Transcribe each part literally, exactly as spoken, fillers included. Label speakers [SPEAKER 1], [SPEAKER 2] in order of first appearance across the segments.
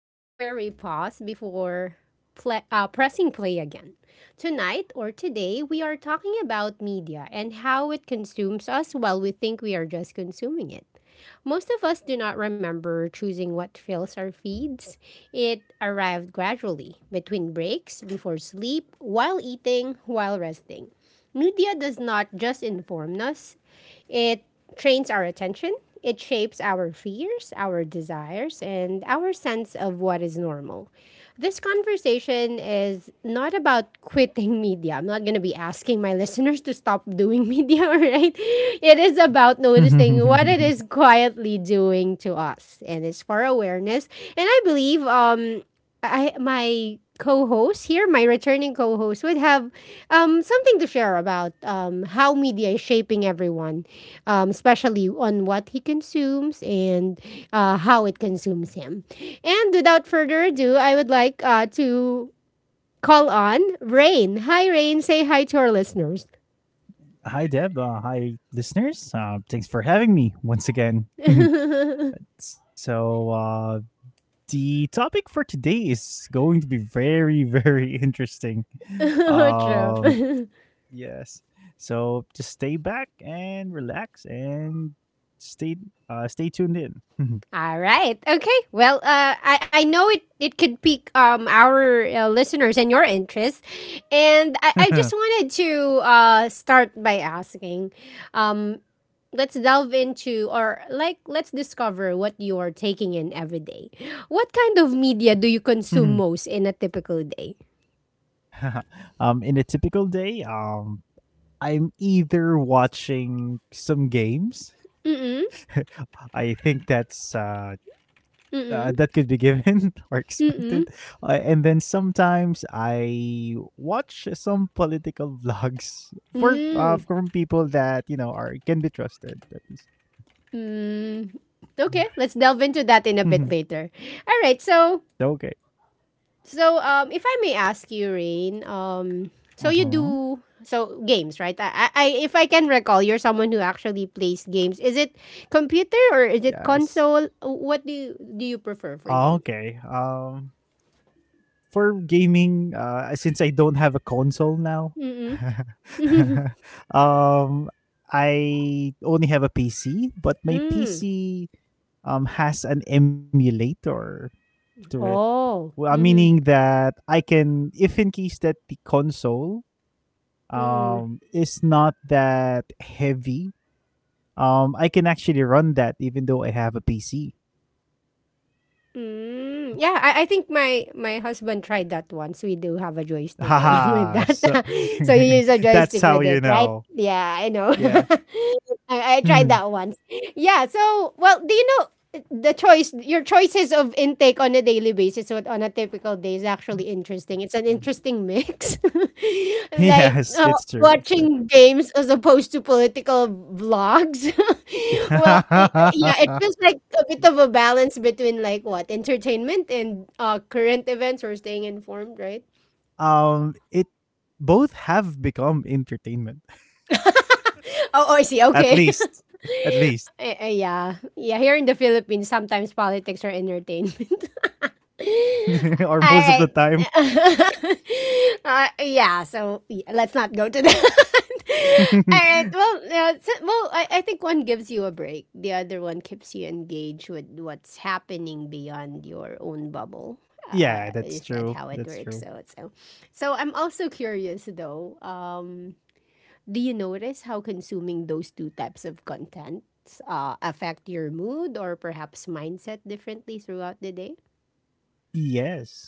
[SPEAKER 1] This is where we pause before pla uh, pressing play again. Tonight or today, we are talking about media and how it consumes us while we think we are just consuming it. Most of us do not remember choosing what fills our feeds. It arrived gradually, between breaks, before sleep, while eating, while resting. Media does not just inform us, it trains our attention, it shapes our fears, our desires, and our sense of what is normal. This conversation is not about quitting media. I'm not going to be asking my listeners to stop doing media, all right? It is about noticing what it is quietly doing to us, and it's for awareness. And I believe um I my co-host here, my returning co-host, would have um, something to share about um, how media is shaping everyone, um, especially on what he consumes and uh, how it consumes him. And without further ado, I would like uh, to call on Rain. Hi, Rain. Say hi to our listeners.
[SPEAKER 2] Hi, Deb. Uh, hi, listeners. Uh, thanks for having me once again. so, uh, the topic for today is going to be very, very interesting. Um,
[SPEAKER 1] True.
[SPEAKER 2] yes. So, just stay back and relax and stay uh, stay tuned in.
[SPEAKER 1] All right. Okay. Well, uh, I, I know it, it could pique um, our uh, listeners and your interest. And I, I just wanted to uh, start by asking um, let's delve into, or like, let's discover what you are taking in every day. What kind of media do you consume most in a typical day?
[SPEAKER 2] Um, in a typical day, um, I'm either watching some games.
[SPEAKER 1] Mm-mm.
[SPEAKER 2] I think that's uh, uh, that
[SPEAKER 1] Mm-mm.
[SPEAKER 2] could be given or expected.
[SPEAKER 1] Mm-mm.
[SPEAKER 2] Uh, and then sometimes I watch some political vlogs for uh,
[SPEAKER 1] Mm.
[SPEAKER 2] from people that you know are can be trusted. That is.
[SPEAKER 1] Mm. Okay, let's delve into that in a bit
[SPEAKER 2] Mhm.
[SPEAKER 1] later. All right, so.
[SPEAKER 2] Okay.
[SPEAKER 1] So, um, if I may ask you, Rain, um, so you
[SPEAKER 2] Mm-hmm.
[SPEAKER 1] do so games, right? I, I, if I can recall, you're someone who actually plays games. Is it computer or is it
[SPEAKER 2] Yes.
[SPEAKER 1] console? What do you, do you prefer
[SPEAKER 2] Ah,
[SPEAKER 1] for games?
[SPEAKER 2] okay. Um, for gaming, uh, since I don't have a console now,
[SPEAKER 1] Mm-mm.
[SPEAKER 2] um, I only have a P C, but my
[SPEAKER 1] Mm.
[SPEAKER 2] P C um has an emulator to it. Well,
[SPEAKER 1] Oh.
[SPEAKER 2] uh, meaning
[SPEAKER 1] Mm-hmm.
[SPEAKER 2] that I can, if in case that the console
[SPEAKER 1] Mm-mm.
[SPEAKER 2] um is not that heavy, um I can actually run that even though I have a P C.
[SPEAKER 1] Mm. Yeah, I, I think my my husband tried that once. We do have a joystick along
[SPEAKER 2] Haha.
[SPEAKER 1] with
[SPEAKER 2] So
[SPEAKER 1] that. So you use a
[SPEAKER 2] that's how
[SPEAKER 1] joystick
[SPEAKER 2] you
[SPEAKER 1] with it,
[SPEAKER 2] know.
[SPEAKER 1] right? Yeah, I know.
[SPEAKER 2] Yeah.
[SPEAKER 1] I, I
[SPEAKER 2] Hmm.
[SPEAKER 1] tried that once. Yeah. So, well, do you know uh, the choice, your choices of intake on a daily basis, what on a typical day is actually interesting. It's an interesting mix. Like
[SPEAKER 2] Yes, it's
[SPEAKER 1] uh,
[SPEAKER 2] true. It's true.
[SPEAKER 1] watching games as opposed to political vlogs. Well, it, yeah, it feels like a bit of a balance between like what entertainment and uh, current events or staying informed, right?
[SPEAKER 2] Um, it both have become entertainment.
[SPEAKER 1] Oh, I see.
[SPEAKER 2] At
[SPEAKER 1] Okay.
[SPEAKER 2] least, at least,
[SPEAKER 1] Eh, eh, yeah. Yeah, here in the Philippines, sometimes politics are entertainment.
[SPEAKER 2] or most of the
[SPEAKER 1] All
[SPEAKER 2] time.
[SPEAKER 1] right. Uh, yeah, so y- let's not go to that. All right. Well, uh, so- well, I, I think one gives you a break. The other one keeps you engaged with what's happening beyond your own bubble.
[SPEAKER 2] Yeah, that's
[SPEAKER 1] Uh,
[SPEAKER 2] true.
[SPEAKER 1] is
[SPEAKER 2] That's
[SPEAKER 1] that how
[SPEAKER 2] true.
[SPEAKER 1] it works? So, so, so I'm also curious though. Um, do you notice how consuming those two types of content uh, affect your mood or perhaps mindset differently throughout the day?
[SPEAKER 2] Yes.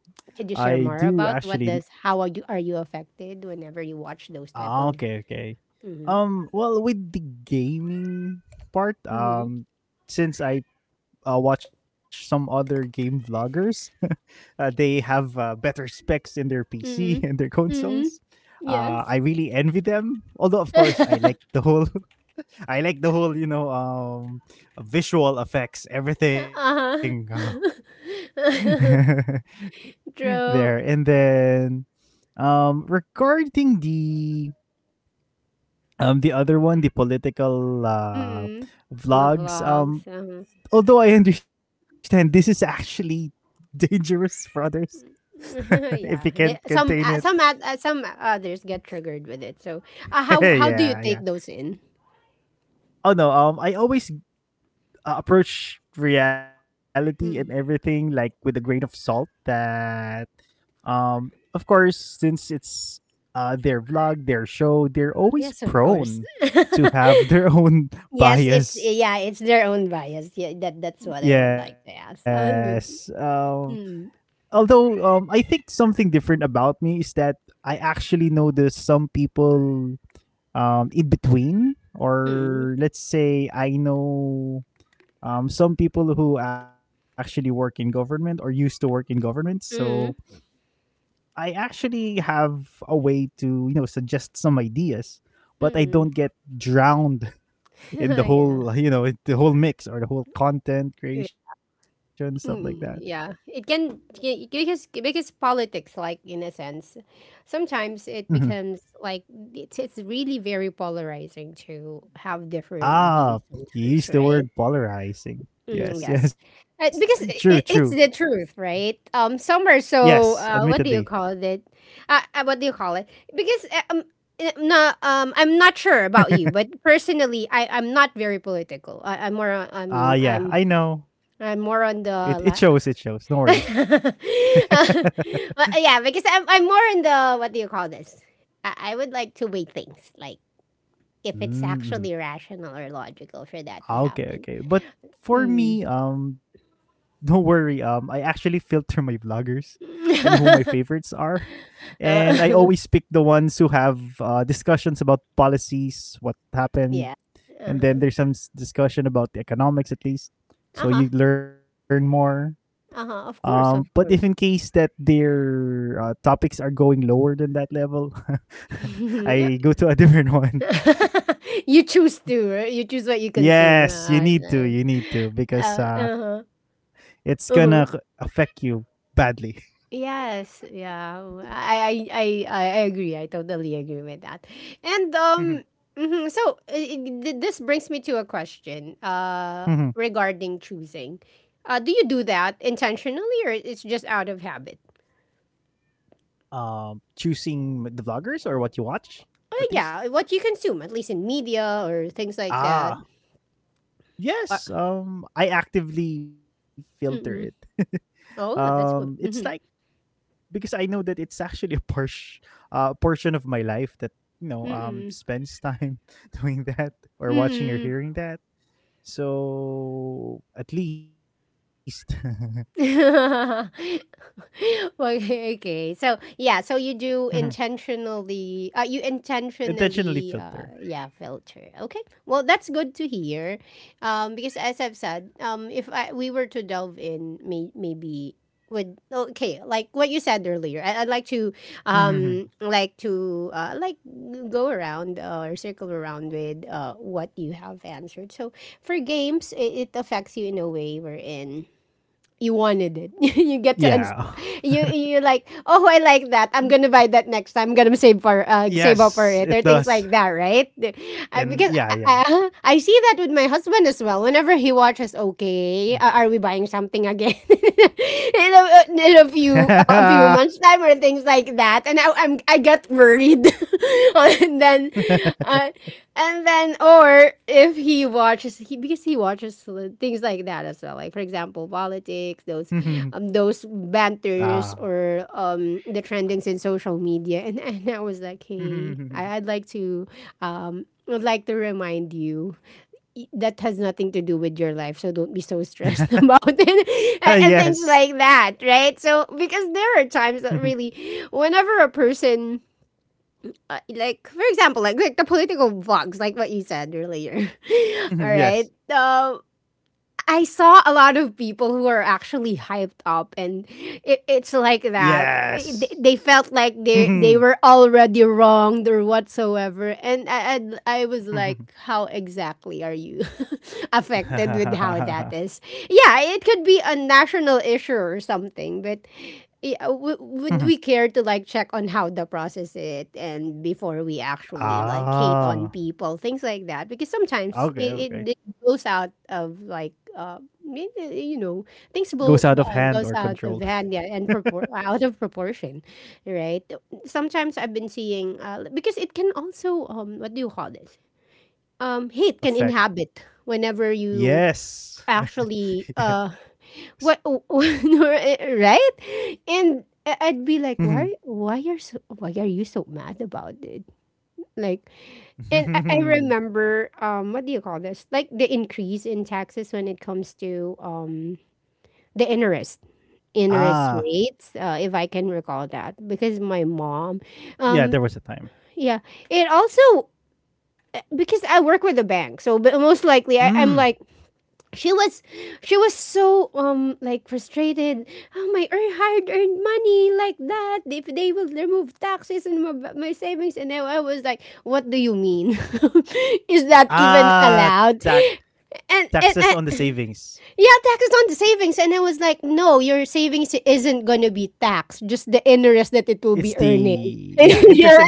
[SPEAKER 2] I
[SPEAKER 1] Could you
[SPEAKER 2] do
[SPEAKER 1] share more
[SPEAKER 2] actually.
[SPEAKER 1] about what does how are you are you affected whenever you watch those
[SPEAKER 2] Ah,
[SPEAKER 1] type of
[SPEAKER 2] okay, okay. Um well, with the gaming part,
[SPEAKER 1] mm-hmm.
[SPEAKER 2] um since I uh, watch some other game vloggers, uh, they have uh, better specs in their P C and
[SPEAKER 1] Mm-mm.
[SPEAKER 2] their consoles.
[SPEAKER 1] Mm-mm.
[SPEAKER 2] Uh,
[SPEAKER 1] Yes.
[SPEAKER 2] I really envy them. Although of course I like the whole I like the whole, you know, um visual effects, everything.
[SPEAKER 1] Uh-huh.
[SPEAKER 2] There. And
[SPEAKER 1] True.
[SPEAKER 2] then, Um, regarding the um the other one, the political uh
[SPEAKER 1] Mm-mm. The
[SPEAKER 2] vlogs.
[SPEAKER 1] vlogs.
[SPEAKER 2] Um,
[SPEAKER 1] Uh-huh.
[SPEAKER 2] although I understand this is actually dangerous for others if you can't
[SPEAKER 1] Yeah. The,
[SPEAKER 2] contain it.
[SPEAKER 1] some uh, some at, uh, some others get triggered with it. So, uh, how how do you
[SPEAKER 2] Yeah,
[SPEAKER 1] take
[SPEAKER 2] yeah.
[SPEAKER 1] those in?
[SPEAKER 2] Oh no. Um, I always uh, approach reality and everything
[SPEAKER 1] Mm.
[SPEAKER 2] like with a grain of salt. That, um, of course, since it's uh their vlog, their show, they're always
[SPEAKER 1] Yes, of course.
[SPEAKER 2] prone to have their own
[SPEAKER 1] Yes, it
[SPEAKER 2] bias.
[SPEAKER 1] yeah, it's their own bias. Yeah, that that's what I would like to ask.
[SPEAKER 2] Yes. Um,
[SPEAKER 1] Um,
[SPEAKER 2] although, um, I think something different about me is that I actually know there's some people um, in between,
[SPEAKER 1] mm,
[SPEAKER 2] or let's say I know um, some people who actually work in government or used to work in government. So
[SPEAKER 1] mm,
[SPEAKER 2] I actually have a way to you know suggest some ideas. But I
[SPEAKER 1] mm.
[SPEAKER 2] don't get drowned in the
[SPEAKER 1] Yeah.
[SPEAKER 2] whole, you know, the whole mix or the whole content
[SPEAKER 1] Yeah.
[SPEAKER 2] creation stuff like that.
[SPEAKER 1] Mm, yeah. It can y- because because politics, like in a sense, sometimes it
[SPEAKER 2] Mm-hmm.
[SPEAKER 1] becomes like it's it's really very polarizing to have different views
[SPEAKER 2] Ah, he
[SPEAKER 1] sometimes,
[SPEAKER 2] used the
[SPEAKER 1] right?
[SPEAKER 2] word polarizing.
[SPEAKER 1] Mm,
[SPEAKER 2] Yes,
[SPEAKER 1] yes,
[SPEAKER 2] yes.
[SPEAKER 1] uh,
[SPEAKER 2] True,
[SPEAKER 1] because
[SPEAKER 2] true.
[SPEAKER 1] it, it's the truth, right? Um, some are
[SPEAKER 2] Yes,
[SPEAKER 1] so uh,
[SPEAKER 2] admittedly.
[SPEAKER 1] what do you call it? Uh, uh, what do you call it? Because uh, um, uh, no, um, I'm not sure about you, but personally, I I'm not very political. I, I'm more on, I'm
[SPEAKER 2] Ah, yeah,
[SPEAKER 1] I'm
[SPEAKER 2] I know. It it
[SPEAKER 1] I'm more
[SPEAKER 2] shows, it
[SPEAKER 1] on
[SPEAKER 2] shows.
[SPEAKER 1] the
[SPEAKER 2] No
[SPEAKER 1] la-
[SPEAKER 2] worries.
[SPEAKER 1] But, uh, yeah, because I'm I'm more on the what do you call this? I, I would like to weigh things like if it's
[SPEAKER 2] Mm-hmm.
[SPEAKER 1] actually rational or logical for that to
[SPEAKER 2] Okay,
[SPEAKER 1] happen.
[SPEAKER 2] okay. But for
[SPEAKER 1] Mm.
[SPEAKER 2] me, um, don't worry. Um, I actually filter my vloggers and who my favorites are. And I always pick the ones who have uh, discussions about policies, what
[SPEAKER 1] Yeah.
[SPEAKER 2] happened, and then
[SPEAKER 1] Uh-huh.
[SPEAKER 2] there's some s- discussion about the economics, at least. So
[SPEAKER 1] Uh-huh.
[SPEAKER 2] you learn more.
[SPEAKER 1] Uh-huh.
[SPEAKER 2] Um,
[SPEAKER 1] Of
[SPEAKER 2] but if
[SPEAKER 1] course,
[SPEAKER 2] in
[SPEAKER 1] of
[SPEAKER 2] case
[SPEAKER 1] course.
[SPEAKER 2] that their uh, topics are going lower than that level, I go
[SPEAKER 1] Yep.
[SPEAKER 2] to a different one.
[SPEAKER 1] You choose to, right? You choose what you consume.
[SPEAKER 2] Yes, you
[SPEAKER 1] Uh,
[SPEAKER 2] need to. You need to because
[SPEAKER 1] uh,
[SPEAKER 2] uh,
[SPEAKER 1] uh-huh.
[SPEAKER 2] it's gonna c-
[SPEAKER 1] Uh-huh.
[SPEAKER 2] affect you badly.
[SPEAKER 1] Yes, yeah. I, I I I I agree. I totally agree with that. And um
[SPEAKER 2] Mhm,
[SPEAKER 1] mhm, so uh, th- this brings me to a question uh
[SPEAKER 2] mhm.
[SPEAKER 1] regarding choosing. Uh do you do that intentionally or it's just out of habit?
[SPEAKER 2] Um, choosing the vloggers or what you watch,
[SPEAKER 1] Uh,
[SPEAKER 2] at least.
[SPEAKER 1] yeah, what you consume, at least in media or things like that.
[SPEAKER 2] Ah,
[SPEAKER 1] Uh,
[SPEAKER 2] yes. Um, I actively filter it.
[SPEAKER 1] Mm. Oh, yeah,
[SPEAKER 2] Um,
[SPEAKER 1] that's good.
[SPEAKER 2] it's like,
[SPEAKER 1] Mhm.
[SPEAKER 2] because I know that it's actually a portion uh, portion of my life that you know
[SPEAKER 1] Mm.
[SPEAKER 2] um spends time doing that or
[SPEAKER 1] Mm.
[SPEAKER 2] watching or hearing that. So at least.
[SPEAKER 1] Okay, okay. So yeah, so you do
[SPEAKER 2] Mhm.
[SPEAKER 1] intentionally, uh, you intentionally,
[SPEAKER 2] Intentionally
[SPEAKER 1] uh,
[SPEAKER 2] filter.
[SPEAKER 1] yeah, filter. Okay, well that's good to hear, um, because as I've said, um, if I, we were to delve in, may, maybe would okay, like what you said earlier, I, I'd like to, um,
[SPEAKER 2] Mhm.
[SPEAKER 1] like to, uh, like go around uh, or circle around with uh, what you have answered. So for games, it, it affects you in a way wherein you wanted it. You
[SPEAKER 2] Yeah.
[SPEAKER 1] get to uns- you you're like, oh, I like that. I'm gonna buy that next time. I'm gonna save for uh, save up for it or
[SPEAKER 2] Yes,
[SPEAKER 1] things
[SPEAKER 2] it
[SPEAKER 1] like that,
[SPEAKER 2] does.
[SPEAKER 1] right? Uh, because I,
[SPEAKER 2] And yeah,
[SPEAKER 1] I
[SPEAKER 2] yeah.
[SPEAKER 1] I see that with my husband as well. Whenever he watches, okay, uh, are we buying something again in, a, in a few uh, a few months time or things things like that and I, I'm I got worried and then uh, and then or if he watches he because he watches things like that as well like for example politics those
[SPEAKER 2] Mhm.
[SPEAKER 1] um those banters
[SPEAKER 2] Ah.
[SPEAKER 1] or um the trendings in social media and, and I was like hey I, I'd like
[SPEAKER 2] Mhm.
[SPEAKER 1] to um I'd like to remind you y- that has nothing to do with your life so don't be so stressed about it and, and
[SPEAKER 2] Yes.
[SPEAKER 1] things like that right so because there are times that
[SPEAKER 2] Mhm.
[SPEAKER 1] really whenever a person uh, like for example like, like the political vlogs like what you said earlier all right
[SPEAKER 2] Mhm.
[SPEAKER 1] um
[SPEAKER 2] Yes.
[SPEAKER 1] I saw a lot of people who are actually hyped up, and it, it's like that. I-
[SPEAKER 2] Yes.
[SPEAKER 1] They, they felt like they they
[SPEAKER 2] Mhm.
[SPEAKER 1] were already wronged or whatsoever, and I I, I was like, how
[SPEAKER 2] Mhm.
[SPEAKER 1] exactly are you affected with how that is? Yeah, it could be a national issue or something, but. Yeah, w- would we care to like check on how the process it and before we actually like hate on people things like
[SPEAKER 2] Ah,
[SPEAKER 1] that because sometimes it, it goes
[SPEAKER 2] okay,
[SPEAKER 1] out
[SPEAKER 2] okay.
[SPEAKER 1] of like uh, y- y- you know things
[SPEAKER 2] Goes
[SPEAKER 1] will
[SPEAKER 2] out of
[SPEAKER 1] uh,
[SPEAKER 2] hand
[SPEAKER 1] goes
[SPEAKER 2] or
[SPEAKER 1] out of
[SPEAKER 2] control.
[SPEAKER 1] hand yeah, and propor- out of proportion right sometimes I've been seeing uh, because it can also um what do you call this um hate can inhabit
[SPEAKER 2] Effect.
[SPEAKER 1] whenever you
[SPEAKER 2] Yes.
[SPEAKER 1] actually uh
[SPEAKER 2] Yes.
[SPEAKER 1] what right and I- I'd be like
[SPEAKER 2] Mhm.
[SPEAKER 1] why why are so why are you so mad about it like and I, I remember um what do you call this? Like the increase in taxes when it comes to um the interest
[SPEAKER 2] Ah,
[SPEAKER 1] interest rates, uh, if I can recall that, because my mom,
[SPEAKER 2] yeah, there was a
[SPEAKER 1] um,
[SPEAKER 2] time.
[SPEAKER 1] yeah, it also eh, because I work with a bank, so but most likely I, I'm
[SPEAKER 2] Mm.
[SPEAKER 1] like she was she was so um like frustrated oh my earn hard earned money like that if they will remove taxes and my, my savings and I, I was like what do you mean is that even
[SPEAKER 2] Ah,
[SPEAKER 1] allowed
[SPEAKER 2] tax,
[SPEAKER 1] and and I,
[SPEAKER 2] taxes on the savings.
[SPEAKER 1] yeah taxes on the savings and I was like no your savings isn't gonna be taxed just the interest
[SPEAKER 2] It's
[SPEAKER 1] that it will be
[SPEAKER 2] the,
[SPEAKER 1] earning
[SPEAKER 2] yeah, interest
[SPEAKER 1] yeah
[SPEAKER 2] incurred.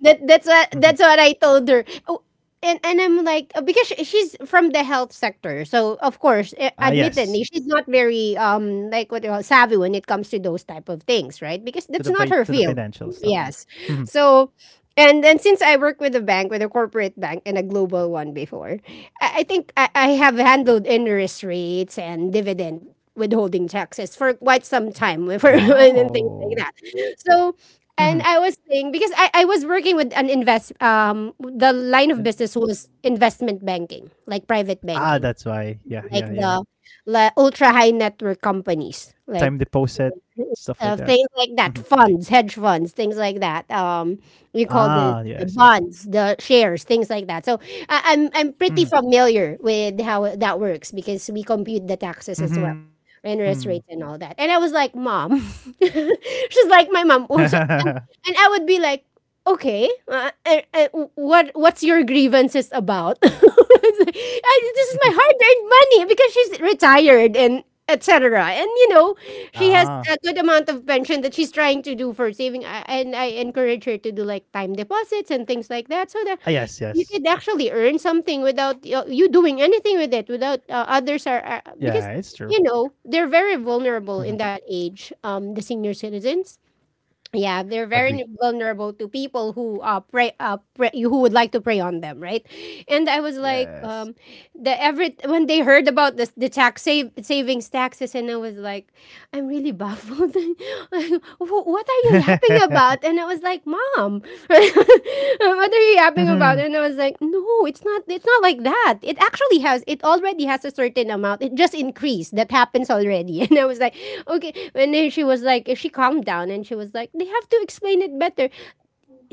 [SPEAKER 1] that that's
[SPEAKER 2] Mhm.
[SPEAKER 1] what that's what I told her. Oh, and and I'm like uh, because she, she's from the health sector, so of course, eh,
[SPEAKER 2] Ah,
[SPEAKER 1] admittedly,
[SPEAKER 2] yes.
[SPEAKER 1] she's not very um like what you call savvy when it comes to those type of things, right?
[SPEAKER 2] To the
[SPEAKER 1] Because
[SPEAKER 2] fi-
[SPEAKER 1] that's
[SPEAKER 2] to
[SPEAKER 1] not
[SPEAKER 2] the
[SPEAKER 1] her
[SPEAKER 2] financial
[SPEAKER 1] field.
[SPEAKER 2] stuff.
[SPEAKER 1] Yes,
[SPEAKER 2] Mhm.
[SPEAKER 1] so. And then since I work with a bank, with a corporate bank and a global one before, I, I think I, I have handled interest rates and dividend withholding taxes for quite some time for
[SPEAKER 2] Wow.
[SPEAKER 1] and things like that. So
[SPEAKER 2] Mhm.
[SPEAKER 1] and I was saying because I, I was working with an invest um the line of
[SPEAKER 2] And-
[SPEAKER 1] business was investment banking, like private
[SPEAKER 2] ah,
[SPEAKER 1] banking,
[SPEAKER 2] that's why. Yeah,
[SPEAKER 1] like
[SPEAKER 2] yeah, yeah.
[SPEAKER 1] the, the ultra high network
[SPEAKER 2] Time deposit,
[SPEAKER 1] companies, like
[SPEAKER 2] stuff like that. Mhm.
[SPEAKER 1] of things like that, funds, hedge funds, things like that. Um, we
[SPEAKER 2] Ah,
[SPEAKER 1] call
[SPEAKER 2] yes,
[SPEAKER 1] this
[SPEAKER 2] yes.
[SPEAKER 1] the bonds, the shares, things like that. So I, I'm I'm
[SPEAKER 2] Mhm,
[SPEAKER 1] pretty familiar with how that works because we compute the taxes as well,
[SPEAKER 2] mhm.
[SPEAKER 1] interest rates and all that. And I was like, Mom, she's like my mom, also, and, and I would be like, okay, uh, uh, uh, what what's your grievances about? I was like, "Ah, this is my hard-earned money because she's retired and et cetera. And you
[SPEAKER 2] Ah,
[SPEAKER 1] know, she has a good amount of pension that she's trying to do for saving, uh, and I encourage her to do like time deposits and things like that, so that
[SPEAKER 2] yes,
[SPEAKER 1] you
[SPEAKER 2] yes.
[SPEAKER 1] could actually earn something without uh, you doing anything with it, without uh, others are uh,
[SPEAKER 2] Yeah,
[SPEAKER 1] because
[SPEAKER 2] it's true.
[SPEAKER 1] you know
[SPEAKER 2] Mhm.
[SPEAKER 1] they're very vulnerable in that age, um, the senior citizens. Yeah,
[SPEAKER 2] Agree.
[SPEAKER 1] they're very vulnerable to people who uh prey uh prey, who would like to prey on them, right? And I was like,
[SPEAKER 2] Yes.
[SPEAKER 1] um, the every when they heard about this the tax save savings taxes, and I was like, I'm really baffled. Like, Wh- what are you yapping about? about? And I was like, Mom, what are you yapping
[SPEAKER 2] Mhm.
[SPEAKER 1] about? And I was like, No, it's not it's not like that. It actually has it already has a certain amount. It just increased. That happens already. And I was like, Okay. And then she was like, she calmed down and she was like, They have to explain it better,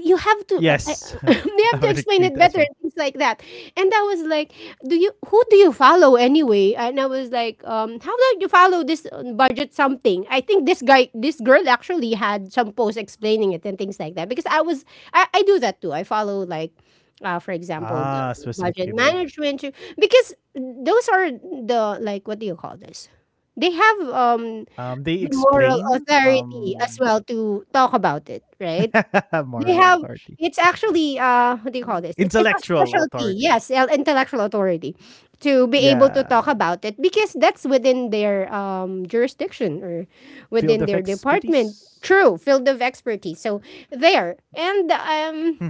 [SPEAKER 1] you have to uh,
[SPEAKER 2] Yes.
[SPEAKER 1] I, they have
[SPEAKER 2] I
[SPEAKER 1] to
[SPEAKER 2] would
[SPEAKER 1] explain
[SPEAKER 2] agree
[SPEAKER 1] it
[SPEAKER 2] as
[SPEAKER 1] better
[SPEAKER 2] well.
[SPEAKER 1] and things like that. And I was like, do you who do you follow anyway? And I was like, um how about you follow this uh, budget something? I think this guy this girl actually had some posts explaining it and things like that, because i was i, I do that too. I follow, like, uh, for example, the
[SPEAKER 2] Ah, specific
[SPEAKER 1] budget
[SPEAKER 2] people.
[SPEAKER 1] management too, because those are the like, what do you call this, they have
[SPEAKER 2] Um, they
[SPEAKER 1] um the
[SPEAKER 2] explain,
[SPEAKER 1] moral
[SPEAKER 2] um,
[SPEAKER 1] authority as well to talk about it, right? they
[SPEAKER 2] moral
[SPEAKER 1] have
[SPEAKER 2] authority,
[SPEAKER 1] It's actually uh what do you call this? It's it's a
[SPEAKER 2] intellectual
[SPEAKER 1] specialty,
[SPEAKER 2] authority.
[SPEAKER 1] yes, uh, intellectual authority to be able to
[SPEAKER 2] Yeah,
[SPEAKER 1] talk about it because that's within their um jurisdiction or
[SPEAKER 2] field of
[SPEAKER 1] within their
[SPEAKER 2] expertise.
[SPEAKER 1] department. True, field of expertise. So there. And
[SPEAKER 2] Mhm.
[SPEAKER 1] um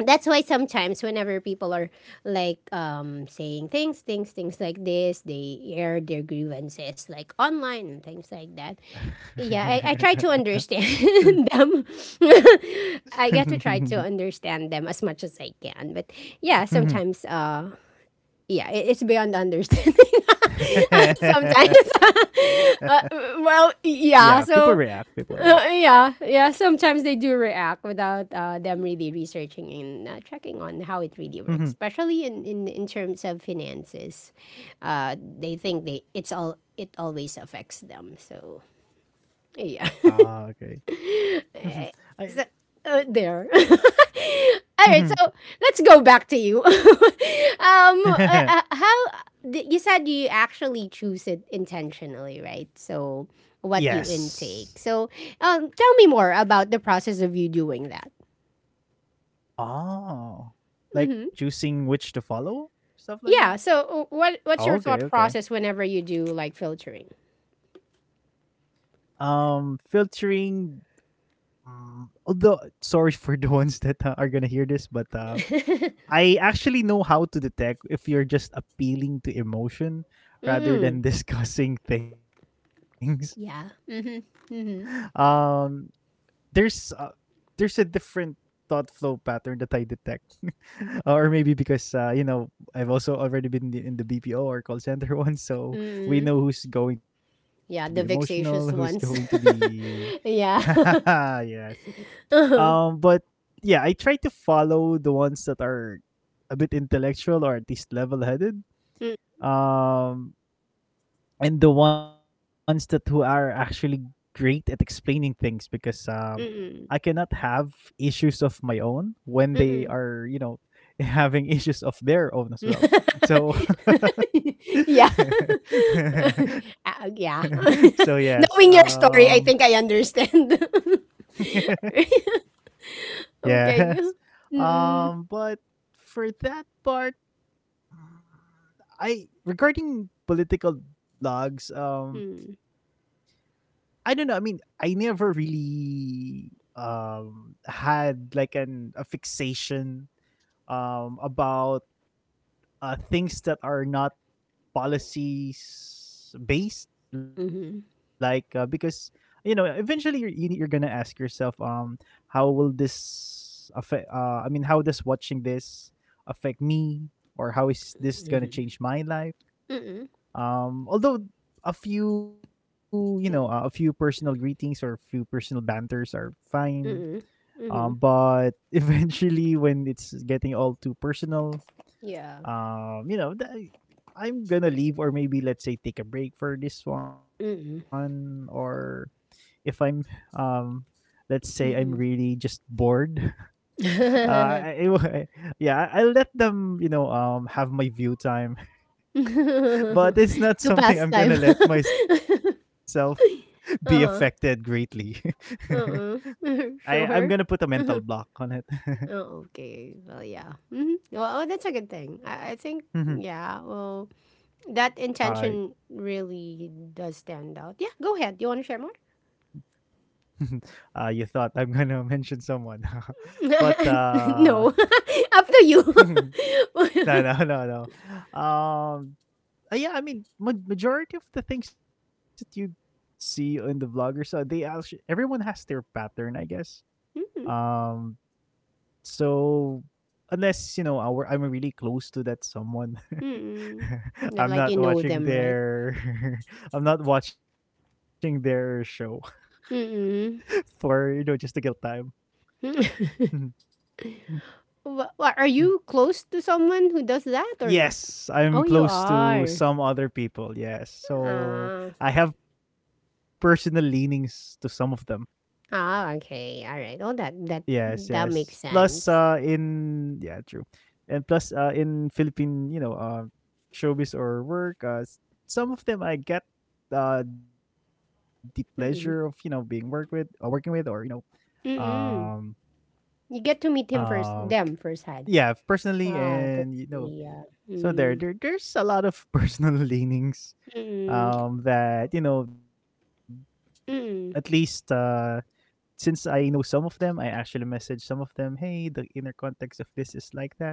[SPEAKER 1] that's why sometimes whenever people are like, um saying things things things like this, they air their grievances like online and things like that. Yeah, i, I try to understand them. I get to try to understand them as much as I can, but yeah,
[SPEAKER 2] Mhm.
[SPEAKER 1] sometimes uh yeah, it, it's beyond understanding sometimes. uh,
[SPEAKER 2] Yeah,
[SPEAKER 1] well,
[SPEAKER 2] people react,
[SPEAKER 1] yeah,
[SPEAKER 2] people
[SPEAKER 1] so,
[SPEAKER 2] react.
[SPEAKER 1] uh, yeah, yeah, sometimes they do react without uh, them really researching and uh, checking on how it really
[SPEAKER 2] Mhm.
[SPEAKER 1] works, especially in, in, in terms of finances. Uh, they think they it's all it always affects them. So
[SPEAKER 2] Ah,
[SPEAKER 1] yeah,
[SPEAKER 2] okay. Mhm. I Well.
[SPEAKER 1] uh, there. All
[SPEAKER 2] Mhm.
[SPEAKER 1] right, so let's go back to you. um, uh, uh, how d- you said you actually choose it intentionally, right? So what you
[SPEAKER 2] Yes.
[SPEAKER 1] intake. So um, tell me more about the process of you doing that.
[SPEAKER 2] Oh, like choosing which to follow? Stuff like
[SPEAKER 1] Yeah.
[SPEAKER 2] that?
[SPEAKER 1] So uh, what what's your
[SPEAKER 2] Okay,
[SPEAKER 1] thought
[SPEAKER 2] okay.
[SPEAKER 1] process whenever you do like filtering?
[SPEAKER 2] Um, filtering, mm, although sorry for the ones that uh, are gonna hear this, but uh, I actually know how to detect if you're just appealing to emotion rather
[SPEAKER 1] Mm.
[SPEAKER 2] than discussing things.
[SPEAKER 1] Yeah.
[SPEAKER 2] Um, there's uh, there's a different thought flow pattern that I detect, or maybe because uh, you know I've also already been in the, in the B P O or call center one, so we
[SPEAKER 1] Mm.
[SPEAKER 2] know who's going to be
[SPEAKER 1] Yeah,
[SPEAKER 2] emotional,
[SPEAKER 1] the
[SPEAKER 2] who's going to
[SPEAKER 1] vexatious ones.
[SPEAKER 2] be.
[SPEAKER 1] Yeah.
[SPEAKER 2] Yes. Um,
[SPEAKER 1] Uh-huh.
[SPEAKER 2] but yeah, I try to follow the ones that are a bit intellectual or at least level-headed. Um, and the ones that who are actually great at explaining things, because um I cannot
[SPEAKER 1] Mm-mm.
[SPEAKER 2] have issues of my own when they are, you know, having issues of their own as well. So.
[SPEAKER 1] Yeah. Ah, yeah.
[SPEAKER 2] So yes.
[SPEAKER 1] Knowing your
[SPEAKER 2] Um
[SPEAKER 1] story, I think I understand.
[SPEAKER 2] yeah,
[SPEAKER 1] Okay. Mm-mm.
[SPEAKER 2] Um but for that part, mm, I regarding political blogs, um
[SPEAKER 1] Mm.
[SPEAKER 2] I don't know. I mean, I never really um had like an a fixation um about uh things that are not policies based, like uh,
[SPEAKER 1] Mm-hmm.
[SPEAKER 2] because you know eventually you're you need, you're gonna ask yourself, um how will this affect, uh I mean, how does watching this affect me, or how is this gonna change my life?
[SPEAKER 1] Mm-mm.
[SPEAKER 2] Um, although a few, you know, uh, a few personal greetings or a few personal banters are fine. Um,
[SPEAKER 1] Mm-hmm.
[SPEAKER 2] but eventually, when it's getting all too personal,
[SPEAKER 1] Yeah.
[SPEAKER 2] um, you know, th- I'm gonna leave, or maybe let's say take a break for this one. Or if I'm, um, let's say I'm really just bored, uh, I, I, will- yeah, I- I'll let them, you know, um, have my view time. But it's not
[SPEAKER 1] To
[SPEAKER 2] something
[SPEAKER 1] pass
[SPEAKER 2] I'm
[SPEAKER 1] time.
[SPEAKER 2] gonna let myself be affected
[SPEAKER 1] Uh-huh.
[SPEAKER 2] greatly.
[SPEAKER 1] Uh-uh.
[SPEAKER 2] I I'm gonna put a
[SPEAKER 1] Sure.
[SPEAKER 2] mental block on it.
[SPEAKER 1] Oh, okay. Well, yeah. Mm-hmm. Well, oh, that's a good thing. I, I think, yeah, well, that
[SPEAKER 2] Alright.
[SPEAKER 1] intention really does stand out. Yeah, go ahead. You want to share more?
[SPEAKER 2] Uh, you thought I'm gonna mention someone, but uh,
[SPEAKER 1] No, up to you.
[SPEAKER 2] no, no, no, no. Um, uh, yeah, I mean, ma- majority of the things that you see in the vloggers, so they actually everyone has their pattern, I guess.
[SPEAKER 1] Mm-mm.
[SPEAKER 2] Um, so unless, you know, our I'm really close to that someone.
[SPEAKER 1] Mm-mm. Yeah,
[SPEAKER 2] I'm
[SPEAKER 1] like
[SPEAKER 2] not
[SPEAKER 1] you know
[SPEAKER 2] watching
[SPEAKER 1] them, right?
[SPEAKER 2] their I'm not watching their show
[SPEAKER 1] Mm-mm.
[SPEAKER 2] for, you know, just to kill time.
[SPEAKER 1] Wha- what, are you close to someone who does that or not?
[SPEAKER 2] Yes, I'm
[SPEAKER 1] Oh, you
[SPEAKER 2] close to
[SPEAKER 1] are.
[SPEAKER 2] some other people, yes. So
[SPEAKER 1] Ah,
[SPEAKER 2] I have personal leanings to some of them.
[SPEAKER 1] ah, okay, all right. Oh, that
[SPEAKER 2] Yes,
[SPEAKER 1] that
[SPEAKER 2] yes.
[SPEAKER 1] that makes
[SPEAKER 2] Plus, uh,
[SPEAKER 1] sense.
[SPEAKER 2] in, yeah, true, and plus, uh, in Philippine, you know, uh, showbiz or work, uh, s- some of them I get uh the pleasure of, you know being work
[SPEAKER 1] Mm-mm.
[SPEAKER 2] with, uh, working with, or you know, um,
[SPEAKER 1] Mm-mm. You get to meet him first,
[SPEAKER 2] Um,
[SPEAKER 1] them firsthand.
[SPEAKER 2] yeah, personally,
[SPEAKER 1] Ah,
[SPEAKER 2] and you know,
[SPEAKER 1] personally, yeah.
[SPEAKER 2] so there,
[SPEAKER 1] Mm.
[SPEAKER 2] there, there's a lot of personal leanings.
[SPEAKER 1] Mm-mm,
[SPEAKER 2] Um, that, you know, at least,
[SPEAKER 1] mm-mm,
[SPEAKER 2] uh, since I know some of them, I actually message some of them. Hey, the inner context of this is like that,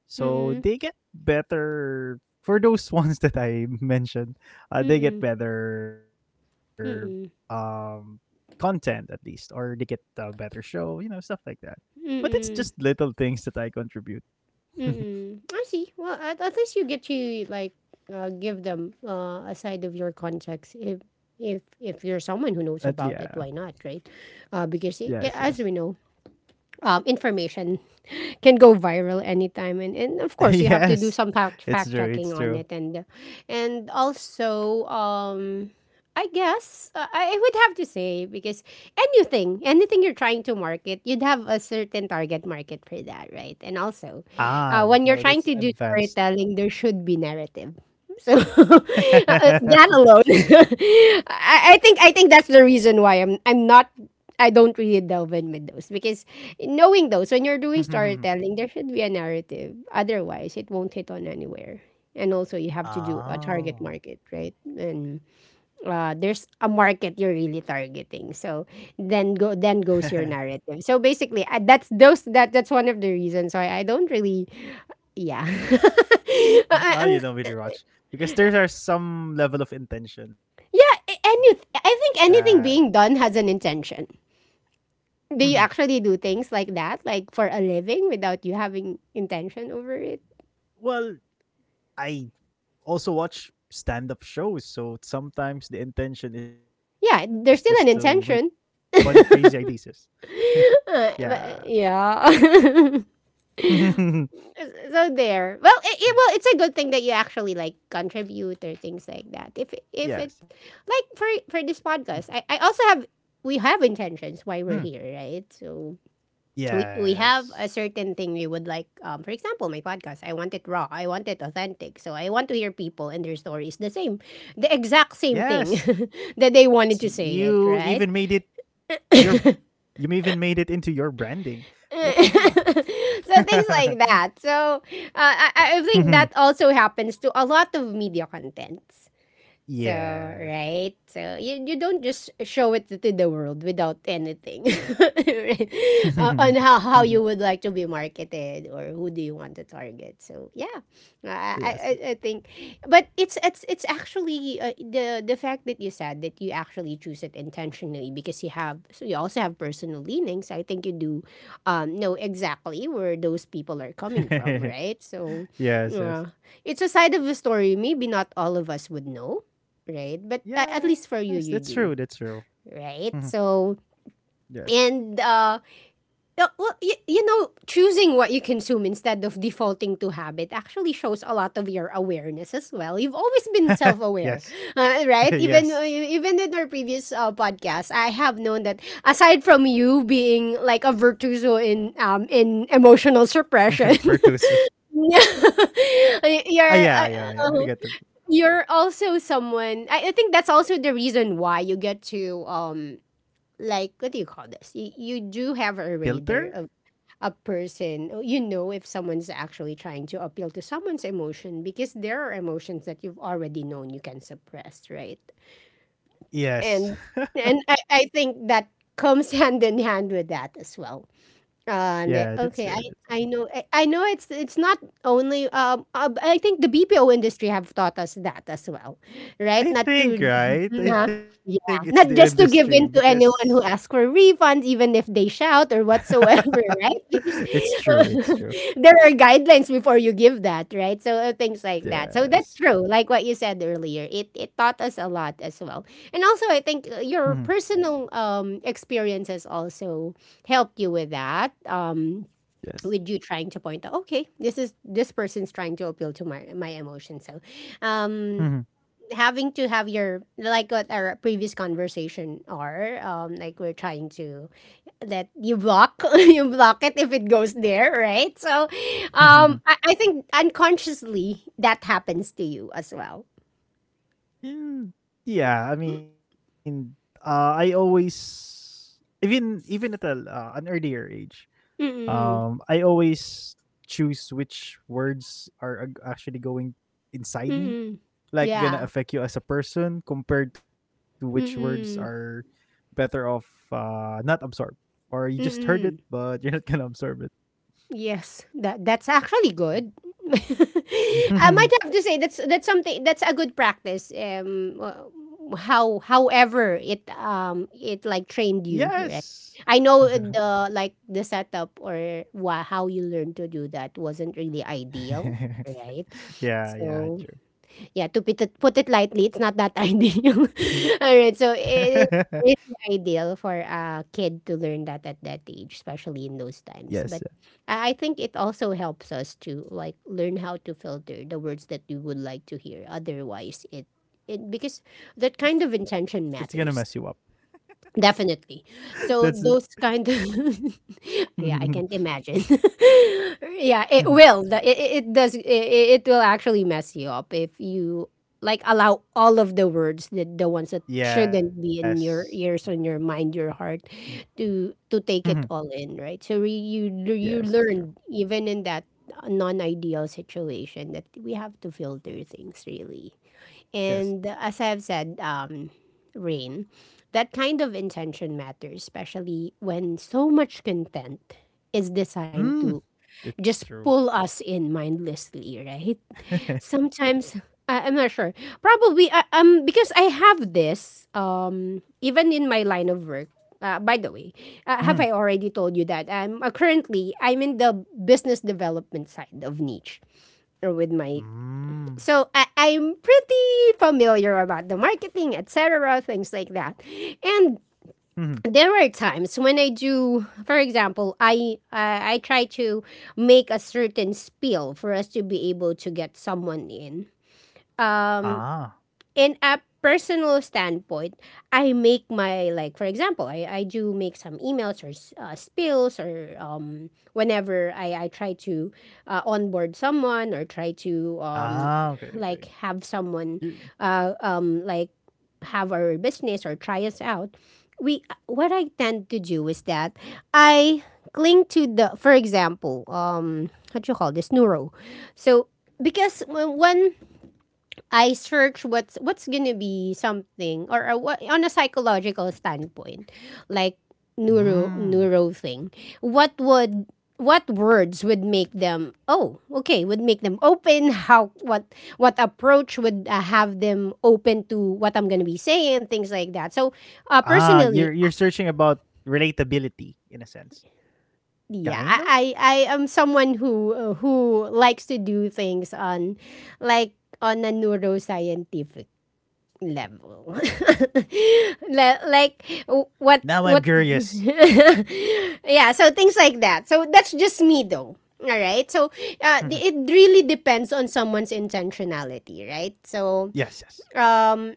[SPEAKER 2] so
[SPEAKER 1] mm-mm,
[SPEAKER 2] they get better for those ones that I mentioned. Uh, they get
[SPEAKER 1] mm-mm,
[SPEAKER 2] better um content, at least, or they get a better show. You know, stuff like that. But it's just little things that I contribute.
[SPEAKER 1] I see. Well, at, at least you get to, like, uh, give them, uh, a side of your context. If if if
[SPEAKER 2] At
[SPEAKER 1] you're someone
[SPEAKER 2] Yeah.
[SPEAKER 1] who knows about it, why not, right? Uh,
[SPEAKER 2] Yes,
[SPEAKER 1] because i
[SPEAKER 2] yes.
[SPEAKER 1] i- as we know, um, information can go viral anytime, and, and of course you have to do
[SPEAKER 2] Yes.
[SPEAKER 1] some fact
[SPEAKER 2] It's
[SPEAKER 1] fact
[SPEAKER 2] true,
[SPEAKER 1] checking
[SPEAKER 2] it's
[SPEAKER 1] on
[SPEAKER 2] true.
[SPEAKER 1] it, and and also, um I guess, uh, I I would have to say, because anything, anything you're trying to market, you'd have a certain target market for that, right? And also,
[SPEAKER 2] Ah,
[SPEAKER 1] uh, when you're
[SPEAKER 2] no,
[SPEAKER 1] trying
[SPEAKER 2] that's
[SPEAKER 1] to do
[SPEAKER 2] advanced.
[SPEAKER 1] storytelling, there should be narrative. So uh, that alone, I, I think I think that's the reason why I'm I'm not I don't really delve in with those, because knowing those, when you're doing storytelling, there should be a narrative. Otherwise, it won't hit on anywhere. And also, you have to do a target
[SPEAKER 2] Oh.
[SPEAKER 1] market, right? And uh, there's a market you're really targeting. So then go then goes your narrative. So basically, uh, that's those that that's one of the reasons why I don't really, yeah, I- I-
[SPEAKER 2] Oh, you don't
[SPEAKER 1] I'm-
[SPEAKER 2] really watch because there are some level of intention
[SPEAKER 1] yeah. a- Any
[SPEAKER 2] that.
[SPEAKER 1] I think anything being done has an intention.
[SPEAKER 2] Mhm.
[SPEAKER 1] Do you actually do things like that, like for a living, without you having intention over it?
[SPEAKER 2] Well, I also watch stand-up shows, so sometimes the intention is just to make
[SPEAKER 1] Yeah, there's still an
[SPEAKER 2] funny, crazy
[SPEAKER 1] intention.
[SPEAKER 2] ideas. Yes. Yeah.
[SPEAKER 1] Uh, but, yeah. So there. Well, it, it- well, it's a good thing that you actually like contribute or things like that. If if it,
[SPEAKER 2] Yes. Mhm.
[SPEAKER 1] like, for for this podcast, I I also have we have
[SPEAKER 2] Mm.
[SPEAKER 1] intentions why we're here, right? So we
[SPEAKER 2] Yes.
[SPEAKER 1] we have a certain thing we would like. Um, for example, my podcast, I want it raw, I want it authentic. So I want to hear people and their stories the same, the exact same thing
[SPEAKER 2] Yes,
[SPEAKER 1] that they
[SPEAKER 2] you
[SPEAKER 1] wanted
[SPEAKER 2] even
[SPEAKER 1] to
[SPEAKER 2] made it
[SPEAKER 1] say it, right?
[SPEAKER 2] to your you even made it into your branding. Wow.
[SPEAKER 1] So things like that. So uh, I, I think that also happens to a lot of media contents. So,
[SPEAKER 2] Yes.
[SPEAKER 1] right? So, you, you don't just show it to the world without anything, right? Uh, on how, how you would like to be marketed, or who do you want to target. So, yeah, I, I,
[SPEAKER 2] Yes.
[SPEAKER 1] I I think. But it's it's it's actually, uh, the the fact that you said that you actually choose it intentionally, because you have, so you also have personal leanings. I think you do, um, know exactly where those people are coming from, right? So,
[SPEAKER 2] Yes. Yes.
[SPEAKER 1] uh, it's a side of the story, maybe not all of us would know, right? But uh, at
[SPEAKER 2] Yes.
[SPEAKER 1] least for
[SPEAKER 2] That's
[SPEAKER 1] you,
[SPEAKER 2] true.
[SPEAKER 1] you
[SPEAKER 2] That's
[SPEAKER 1] do,
[SPEAKER 2] true. Mhm.
[SPEAKER 1] right? So,
[SPEAKER 2] Yes.
[SPEAKER 1] and uh, uh, well, you, you know, choosing what you consume instead of defaulting to habit actually shows a lot of your awareness as well. You've always been self-aware,
[SPEAKER 2] Yes.
[SPEAKER 1] uh, right? Even
[SPEAKER 2] Yes.
[SPEAKER 1] uh, e-, even in our previous uh, podcast, I have known that, aside from you being like a virtuoso in um in emotional suppression.
[SPEAKER 2] Pertuso.
[SPEAKER 1] Yeah.
[SPEAKER 2] Ah,
[SPEAKER 1] you're
[SPEAKER 2] yeah,
[SPEAKER 1] uh,
[SPEAKER 2] yeah, yeah. I
[SPEAKER 1] uh,
[SPEAKER 2] got the
[SPEAKER 1] you're also someone, I, I think that's also the reason why you get to um like, what do you call this, you, you do have a
[SPEAKER 2] filter.
[SPEAKER 1] radar of a person, or you know if someone's actually trying to appeal to someone's emotion, because there are emotions that you've already known you can suppress, right?
[SPEAKER 2] Yes.
[SPEAKER 1] And and i, I think that comes hand in hand with that as well. Uh,
[SPEAKER 2] Yeah,
[SPEAKER 1] ne-
[SPEAKER 2] that's true.
[SPEAKER 1] okay, I,
[SPEAKER 2] That's true.
[SPEAKER 1] I know I, I know it's it's not only, um uh, I think the B P O industry have taught us that as well, right?
[SPEAKER 2] I
[SPEAKER 1] Not
[SPEAKER 2] think,
[SPEAKER 1] to,
[SPEAKER 2] right. I
[SPEAKER 1] yeah,
[SPEAKER 2] think it's
[SPEAKER 1] yeah,
[SPEAKER 2] the
[SPEAKER 1] not
[SPEAKER 2] industry
[SPEAKER 1] just to give
[SPEAKER 2] because.
[SPEAKER 1] in to anyone who asks for refunds, even if they shout or whatsoever, right? Because
[SPEAKER 2] It's true.
[SPEAKER 1] uh,
[SPEAKER 2] It's true.
[SPEAKER 1] there are guidelines before you give that, right? So uh, things like that. So
[SPEAKER 2] Yes.
[SPEAKER 1] that's true, like what you said earlier. It it taught us a lot as well, and also I
[SPEAKER 2] Mhm.
[SPEAKER 1] think uh, your personal um experiences also helped you with that, um
[SPEAKER 2] Yes.
[SPEAKER 1] with you trying to point out, okay, this is, this person's trying to appeal to my my emotions, so um
[SPEAKER 2] Mhm.
[SPEAKER 1] having to have your, like what our previous conversation are, um like we're trying to, that you block you block it if it goes there, right? So um i, I think unconsciously that happens to you as well.
[SPEAKER 2] Mm, yeah, I mean, uh, I always, even even at a, uh, an earlier age,
[SPEAKER 1] Mm. Mm.
[SPEAKER 2] um, I always choose which words are ag- actually going inside me,
[SPEAKER 1] Mm.
[SPEAKER 2] like
[SPEAKER 1] Yeah.
[SPEAKER 2] gonna affect you as a person, compared to which words are
[SPEAKER 1] Mm.
[SPEAKER 2] better off uh, not absorb, or you just heard it
[SPEAKER 1] Mm.
[SPEAKER 2] but you're not gonna absorb it.
[SPEAKER 1] Yes, that that's actually good. I might have to say that's that's something that's a good practice. Um, wh- how however it um it like trained
[SPEAKER 2] Yes.
[SPEAKER 1] you, right? I know the like the setup, or wha- how you learned to do that wasn't really ideal, right?
[SPEAKER 2] Yeah, yeah,
[SPEAKER 1] So
[SPEAKER 2] true.
[SPEAKER 1] yeah, to put it, put it lightly, it's not that ideal. All right, so it, it's really ideal for a kid to learn that at that age, especially in those
[SPEAKER 2] Yes, yeah.
[SPEAKER 1] times. But I I think it also helps us to, like, learn how to filter the words that you would like to hear. Otherwise, it it because that kind of
[SPEAKER 2] It's gonna mess
[SPEAKER 1] intention
[SPEAKER 2] you up.
[SPEAKER 1] matters. Definitely.
[SPEAKER 2] That's
[SPEAKER 1] So those kind of,
[SPEAKER 2] Mhm, mhm,
[SPEAKER 1] yeah, I can't imagine. Yeah, it
[SPEAKER 2] mhm.
[SPEAKER 1] will. The- It, it it does. It, it will actually mess you up if you like allow all of the words that the ones that
[SPEAKER 2] Yes.
[SPEAKER 1] shouldn't be in your ears, on your mind, your heart, to to
[SPEAKER 2] Mhm.
[SPEAKER 1] take it all in, right? So re- you
[SPEAKER 2] Yes,
[SPEAKER 1] you
[SPEAKER 2] it's true.
[SPEAKER 1] learn even in that non-ideal situation that we have to filter things really.
[SPEAKER 2] Yes.
[SPEAKER 1] And as I've said, um, Rain, that kind of intention matters, especially when so much content is designed
[SPEAKER 2] Mm.
[SPEAKER 1] to
[SPEAKER 2] It's
[SPEAKER 1] just
[SPEAKER 2] true.
[SPEAKER 1] pull us in mindlessly, right? Sometimes I, I'm not sure. Probably I, um because I have this um even in my line of work. Uh, by the way,
[SPEAKER 2] Mm.
[SPEAKER 1] uh, have I already told you that I'm uh, currently I'm in the business development side of niche or with my,
[SPEAKER 2] Mm.
[SPEAKER 1] so I, I'm pretty familiar about the marketing, et cetera, things like that. And
[SPEAKER 2] Mhm.
[SPEAKER 1] there are times when I do, for example, I uh, I try to make a certain spiel for us to be able to get someone in. Um,
[SPEAKER 2] Ah.
[SPEAKER 1] in a personal standpoint, I make my like for example, I, I do make some emails or s- uh, spills, or um whenever I I try to uh, onboard someone or try to um
[SPEAKER 2] Ah, okay, okay.
[SPEAKER 1] like have someone
[SPEAKER 2] Y
[SPEAKER 1] uh um like have our business or try us out. We What I tend to do is that I cling to the, for example, um what you call this, neuro. So because when when I search what's what's gonna be something, or uh, what, on a psychological standpoint, like
[SPEAKER 2] mm.
[SPEAKER 1] neuro neuro thing. What would what words would make them, oh okay would make them open, how, what what approach would uh, have them open to what I'm going to be saying, things like that. So
[SPEAKER 2] Ah,
[SPEAKER 1] uh,
[SPEAKER 2] you're you're searching
[SPEAKER 1] personally,
[SPEAKER 2] about relatability in a sense. Kind of?
[SPEAKER 1] yeah, I, I i am someone who uh, who likes to do things on, like on a neuroscientific level.
[SPEAKER 2] Ooh.
[SPEAKER 1] Le- like
[SPEAKER 2] Now
[SPEAKER 1] w-
[SPEAKER 2] I'm
[SPEAKER 1] what what
[SPEAKER 2] curious.
[SPEAKER 1] Yeah, so things like that, so that's just me though. All right, so uh,
[SPEAKER 2] Mhm.
[SPEAKER 1] the- it really depends on someone's intentionality, right? So
[SPEAKER 2] Yes, yes.
[SPEAKER 1] um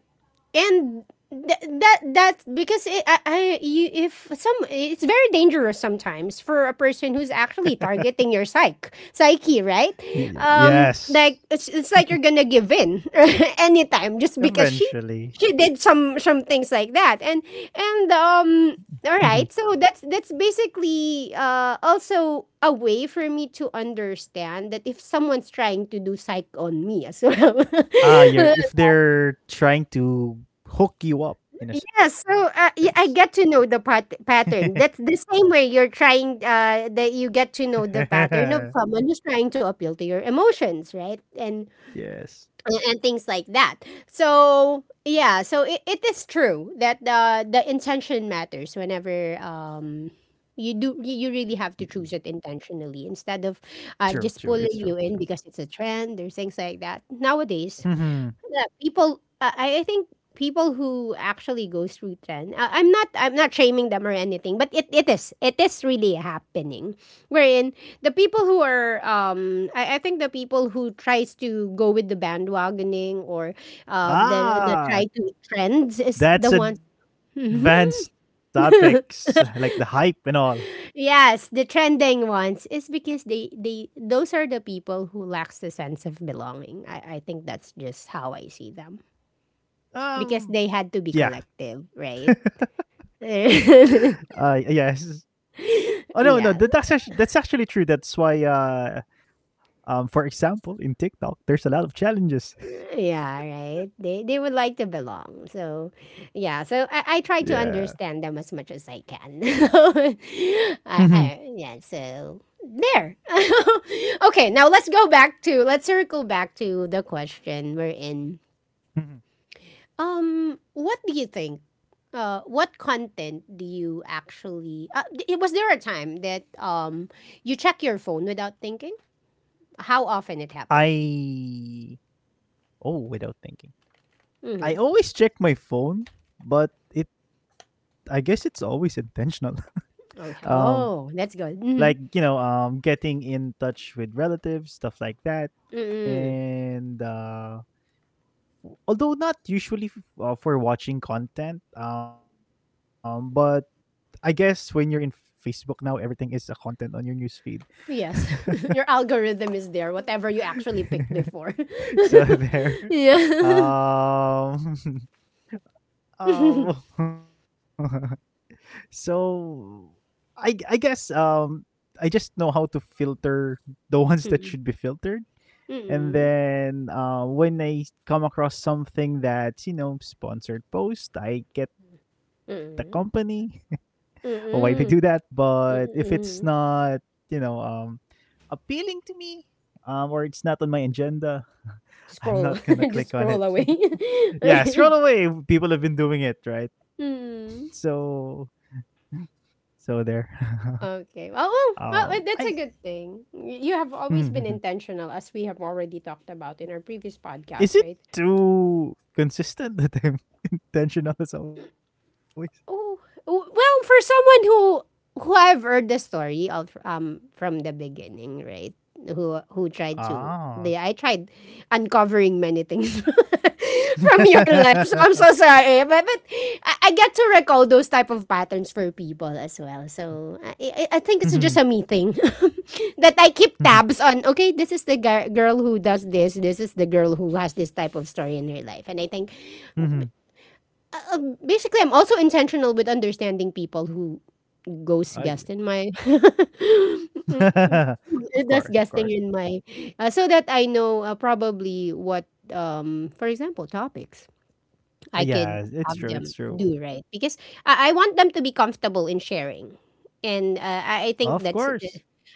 [SPEAKER 1] and th- that that's because it, I, I you, if some, it's very dangerous sometimes for a person who's actually targeting your psych psyche, right?
[SPEAKER 2] Y
[SPEAKER 1] Um
[SPEAKER 2] Yes.
[SPEAKER 1] like it's, it's like you're gonna give in anytime just because she
[SPEAKER 2] Eventually.
[SPEAKER 1] she did some some things like that, and and
[SPEAKER 2] Mhm.
[SPEAKER 1] um all right, so that's that's basically uh also a way for me to understand that if someone's trying to do psych on me as well.
[SPEAKER 2] Ah, you're if they're trying to hook you up in a sense.
[SPEAKER 1] Yes, so uh, y- I get to know the pat- pattern. That's the same way you're trying, uh, that you get to know the pattern of someone who's trying to appeal to your emotions, right? And
[SPEAKER 2] Yes.
[SPEAKER 1] and, and things like that. So yeah, so it, it is true that the the intention matters whenever um you do, you you really have to choose it intentionally instead of
[SPEAKER 2] True,
[SPEAKER 1] uh,
[SPEAKER 2] true.
[SPEAKER 1] just
[SPEAKER 2] It's true.
[SPEAKER 1] pulling you in because it's a trend or things like that. Nowadays,
[SPEAKER 2] hmm
[SPEAKER 1] that people, uh, I I think people who actually goes through trend, uh, I'm not, I'm not shaming them or anything, but it, it is, it is really happening wherein the people who are, um I, I think the people who tries to go with the bandwagoning, or um the the
[SPEAKER 2] Ah,
[SPEAKER 1] try to trends, is the
[SPEAKER 2] that's
[SPEAKER 1] ones,
[SPEAKER 2] advanced topics like the hype and all.
[SPEAKER 1] yes, the trending ones, is because they they those are the people who lacks the sense of belonging. I, I think that's just how I see them, because
[SPEAKER 2] Um,
[SPEAKER 1] they had to be
[SPEAKER 2] yeah.
[SPEAKER 1] collective, right?
[SPEAKER 2] Uh,
[SPEAKER 1] Yeah.
[SPEAKER 2] yes. Oh no, no. that- That's actually, that's actually true. That's why, uh, um, for example, in TikTok, there's a lot of challenges.
[SPEAKER 1] Yeah, right. They they would like to belong. So yeah, so
[SPEAKER 2] Yeah.
[SPEAKER 1] I, I try to understand them as much as I can.
[SPEAKER 2] Mhm,
[SPEAKER 1] I, I Yeah, so there. Okay, now let's go back to let's circle back to the question we're in.
[SPEAKER 2] mhm.
[SPEAKER 1] Um, what do you think? Uh what content do you actually uh, d- was there a time that um you check your phone without thinking? How often it happens?
[SPEAKER 2] I Oh, without thinking, I
[SPEAKER 1] Mm-hmm.
[SPEAKER 2] always check my phone, but it I guess it's always intentional. Um,
[SPEAKER 1] Okay. Oh, that's
[SPEAKER 2] like
[SPEAKER 1] good.
[SPEAKER 2] you
[SPEAKER 1] Mm-hmm.
[SPEAKER 2] know um getting in touch with relatives, stuff like that,
[SPEAKER 1] Mm-mm.
[SPEAKER 2] and uh w- although not usually f- uh, for watching content, um but i guess when you're in Facebook now, everything is a content on your newsfeed.
[SPEAKER 1] Yes. Your algorithm is there, whatever you actually picked before.
[SPEAKER 2] So there.
[SPEAKER 1] Yeah.
[SPEAKER 2] Um um so I I guess um I just know how to filter the ones that should be filtered. And
[SPEAKER 1] Mm-mm.
[SPEAKER 2] then uh, when I s- come across something that's, you know, sponsored post, I get the company
[SPEAKER 1] Mm-mm.
[SPEAKER 2] why they do that.
[SPEAKER 1] Mm-mm.
[SPEAKER 2] But if it's
[SPEAKER 1] Mm-mm.
[SPEAKER 2] not, you know, um, appealing to me, um, or it's not on my agenda, I'm
[SPEAKER 1] Scroll.
[SPEAKER 2] not going to
[SPEAKER 1] Just
[SPEAKER 2] click on
[SPEAKER 1] scroll
[SPEAKER 2] it.
[SPEAKER 1] away.
[SPEAKER 2] Yeah, scroll away. People have been doing it, right?
[SPEAKER 1] Mm.
[SPEAKER 2] So, so there.
[SPEAKER 1] Okay. Well, well,
[SPEAKER 2] um,
[SPEAKER 1] well,
[SPEAKER 2] I
[SPEAKER 1] eh, that's a good thing. Y- You have always been intentional, as we have already talked about in our previous
[SPEAKER 2] is
[SPEAKER 1] podcast,
[SPEAKER 2] it
[SPEAKER 1] right?
[SPEAKER 2] too consistent that I'm intentional as always?
[SPEAKER 1] Oh, w- well, for someone who who I've heard the story of um from the beginning, right? Who who tried to
[SPEAKER 2] Ah,
[SPEAKER 1] they I tried uncovering many things from your life. So I'm so sorry, but but I, I get to recall those type of patterns for people as well. So I I, I think
[SPEAKER 2] Mhm,
[SPEAKER 1] it's just a me thing that I keep
[SPEAKER 2] mhm,
[SPEAKER 1] tabs on. Okay, this is the gar- girl who does this. This is the girl who has this type of story in her life, and I think
[SPEAKER 2] mhm.
[SPEAKER 1] uh, basically I'm also intentional with understanding people who
[SPEAKER 2] I
[SPEAKER 1] goes guest in my
[SPEAKER 2] Of course, of
[SPEAKER 1] does
[SPEAKER 2] course.
[SPEAKER 1] guesting in my, uh, so that I know uh, probably what, um for example, topics
[SPEAKER 2] Uh,
[SPEAKER 1] I could
[SPEAKER 2] yeah, it's
[SPEAKER 1] have
[SPEAKER 2] true,
[SPEAKER 1] them
[SPEAKER 2] it's true.
[SPEAKER 1] do, right? Because I, I want them to be comfortable in sharing, and uh,
[SPEAKER 2] Of
[SPEAKER 1] I, I
[SPEAKER 2] course.
[SPEAKER 1] think that's,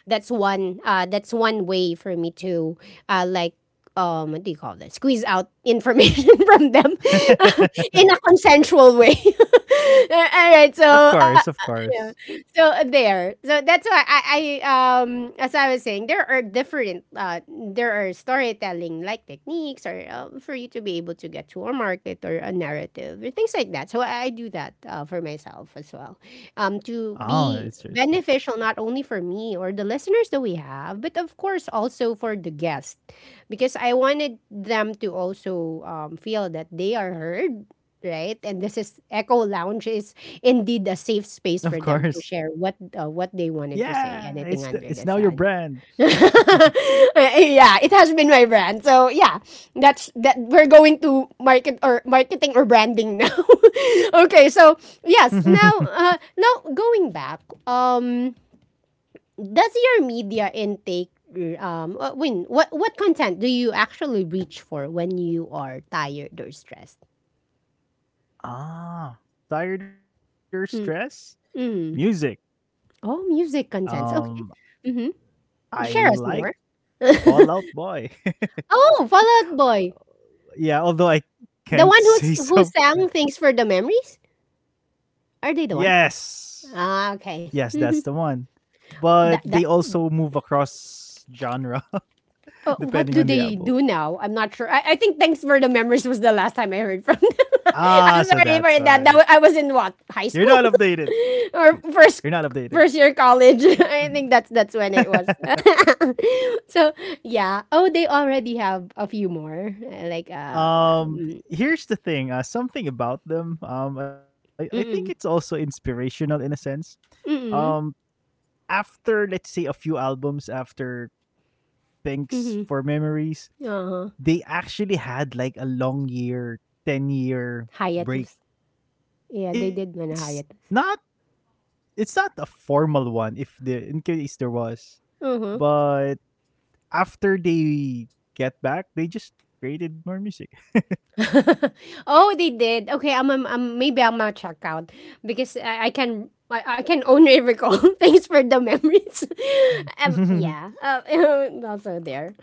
[SPEAKER 1] that's one uh, that's one way for me to uh, like um what do you call that, squeeze out information from them in a consensual way.
[SPEAKER 2] Of
[SPEAKER 1] All
[SPEAKER 2] course,
[SPEAKER 1] right,
[SPEAKER 2] of
[SPEAKER 1] so uh,
[SPEAKER 2] course.
[SPEAKER 1] uh, yeah, so uh, there, so that's why I, I um as I was saying, there are different uh there are storytelling like techniques, or uh, for you to be able to get to a market or a narrative or things like that, so i, I do that uh, for myself as well, um
[SPEAKER 2] Oh, it's
[SPEAKER 1] to
[SPEAKER 2] true, it's true.
[SPEAKER 1] be beneficial not only for me or the listeners that we have, but of course also for the guest, because I wanted them to also, um, feel that they are heard, right? And this is, Echo Lounge is indeed a
[SPEAKER 2] Of
[SPEAKER 1] safe space
[SPEAKER 2] course.
[SPEAKER 1] for them to share what, uh, what they wanted to
[SPEAKER 2] Yeah, it's
[SPEAKER 1] say,
[SPEAKER 2] the it's
[SPEAKER 1] anything
[SPEAKER 2] now your
[SPEAKER 1] under the
[SPEAKER 2] brand.
[SPEAKER 1] sun. Yeah, it has been my brand. So yeah, that's that. We're going to market, or marketing, or branding now. Okay, so yes, now uh, now going back, um, does your media intake um uh, when what what content do you actually reach for when you are tired or stressed?
[SPEAKER 2] Ah, tired or stress? Music.
[SPEAKER 1] Mm. Oh, music
[SPEAKER 2] Um,
[SPEAKER 1] contents, okay. Mhm.
[SPEAKER 2] I
[SPEAKER 1] Share
[SPEAKER 2] like
[SPEAKER 1] us more.
[SPEAKER 2] Fallout Boy.
[SPEAKER 1] Oh, Fall Out Boy.
[SPEAKER 2] Yeah, although I
[SPEAKER 1] The
[SPEAKER 2] can't
[SPEAKER 1] one who's
[SPEAKER 2] say
[SPEAKER 1] who
[SPEAKER 2] so.
[SPEAKER 1] sang "Thanks for the Memories"? Are they the
[SPEAKER 2] Yes.
[SPEAKER 1] one?
[SPEAKER 2] Yes,
[SPEAKER 1] Ah,
[SPEAKER 2] that's
[SPEAKER 1] okay.
[SPEAKER 2] the one. But they
[SPEAKER 1] That that.
[SPEAKER 2] also move across genre
[SPEAKER 1] Uh,
[SPEAKER 2] depending on
[SPEAKER 1] what
[SPEAKER 2] the
[SPEAKER 1] do
[SPEAKER 2] album.
[SPEAKER 1] they do now? I'm not sure. I, I think "Thanks for the Memories" was the last time I heard from them.
[SPEAKER 2] Ah,
[SPEAKER 1] I'm
[SPEAKER 2] so
[SPEAKER 1] sorry for
[SPEAKER 2] that's why.
[SPEAKER 1] that. That wa- I was
[SPEAKER 2] You're
[SPEAKER 1] in
[SPEAKER 2] not
[SPEAKER 1] what, high
[SPEAKER 2] updated.
[SPEAKER 1] school
[SPEAKER 2] You- You're
[SPEAKER 1] or
[SPEAKER 2] not
[SPEAKER 1] first
[SPEAKER 2] updated.
[SPEAKER 1] first year college. I think that's that's when it was. So yeah. Oh, they already have a few more. uh, Like uh,
[SPEAKER 2] Um Here's the thing, uh, something about them. Um I, I think it's also
[SPEAKER 1] mm,
[SPEAKER 2] inspirational in a sense. Um,
[SPEAKER 1] mm,
[SPEAKER 2] after let's say a few albums after Thanks
[SPEAKER 1] mhm,
[SPEAKER 2] for Memories,
[SPEAKER 1] oo,
[SPEAKER 2] they actually had like a long year, ten year break.
[SPEAKER 1] hiatus. Yeah, they
[SPEAKER 2] It's
[SPEAKER 1] did man a
[SPEAKER 2] not
[SPEAKER 1] hiatus,
[SPEAKER 2] it's not a formal one if the in case there was,
[SPEAKER 1] mhm.
[SPEAKER 2] but after they get back, they just created more music.
[SPEAKER 1] Oh, they did. Okay, I'm, I'm, I'm- maybe I'm gonna check out, because I, I can I, I can only recall Thanks for the memories. Um,
[SPEAKER 2] Mm.
[SPEAKER 1] yeah, um, also there.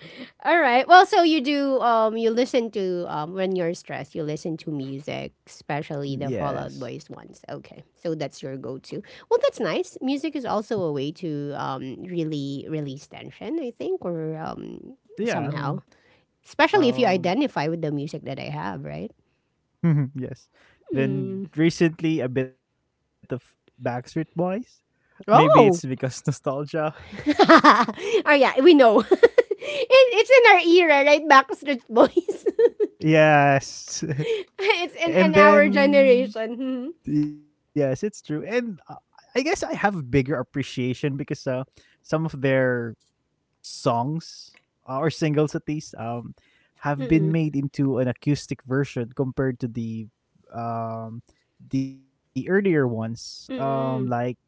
[SPEAKER 1] All right. Well, so you do um you listen to um when you're stressed you listen to music, especially the Fallout
[SPEAKER 2] Yes,
[SPEAKER 1] Boys ones. Okay, so that's your go-to. Well, that's nice. Music is also a way to um really release tension, I think, or um
[SPEAKER 2] yeah, i mean,
[SPEAKER 1] somehow. Especially if you
[SPEAKER 2] um,
[SPEAKER 1] identify with the music that I have, right?
[SPEAKER 2] yes, then recently a bit of Backstreet Boys, maybe it's because
[SPEAKER 1] Oh!
[SPEAKER 2] nostalgia.
[SPEAKER 1] Oh yeah, we know. It- it's in our era, right? Backstreet Boys.
[SPEAKER 2] Yes.
[SPEAKER 1] It's in,
[SPEAKER 2] And
[SPEAKER 1] in our
[SPEAKER 2] then
[SPEAKER 1] generation.
[SPEAKER 2] yes, it's true, and uh, i guess i have bigger appreciation because uh, some of their songs, uh, or singles at least, um
[SPEAKER 1] Hmm. Mm-mm.
[SPEAKER 2] have been made into an acoustic version compared to the um the earlier ones, um,
[SPEAKER 1] Mm-mm.
[SPEAKER 2] like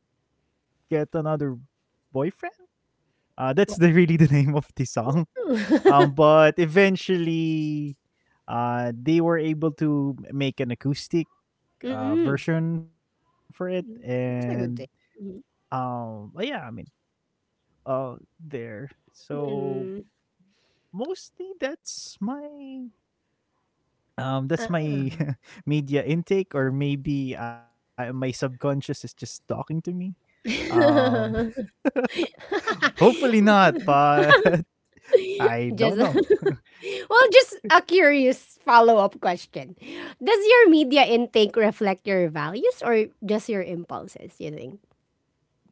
[SPEAKER 2] Get Another Boyfriend, uh
[SPEAKER 1] What?
[SPEAKER 2] that's the really the name of the song. Um but eventually, uh they were able to make an acoustic uh
[SPEAKER 1] Mm-mm.
[SPEAKER 2] version for it. And
[SPEAKER 1] That's a good thing.
[SPEAKER 2] um but yeah, i mean, uh there, so
[SPEAKER 1] Mm-mm.
[SPEAKER 2] mostly that's my, um, that's my
[SPEAKER 1] Uh-uh.
[SPEAKER 2] media intake, or maybe I, my subconscious is just talking to me. Um, hopefully not, but I don't
[SPEAKER 1] Just
[SPEAKER 2] know.
[SPEAKER 1] well, just a curious follow-up question. Does your media intake reflect your values, or just your impulses, you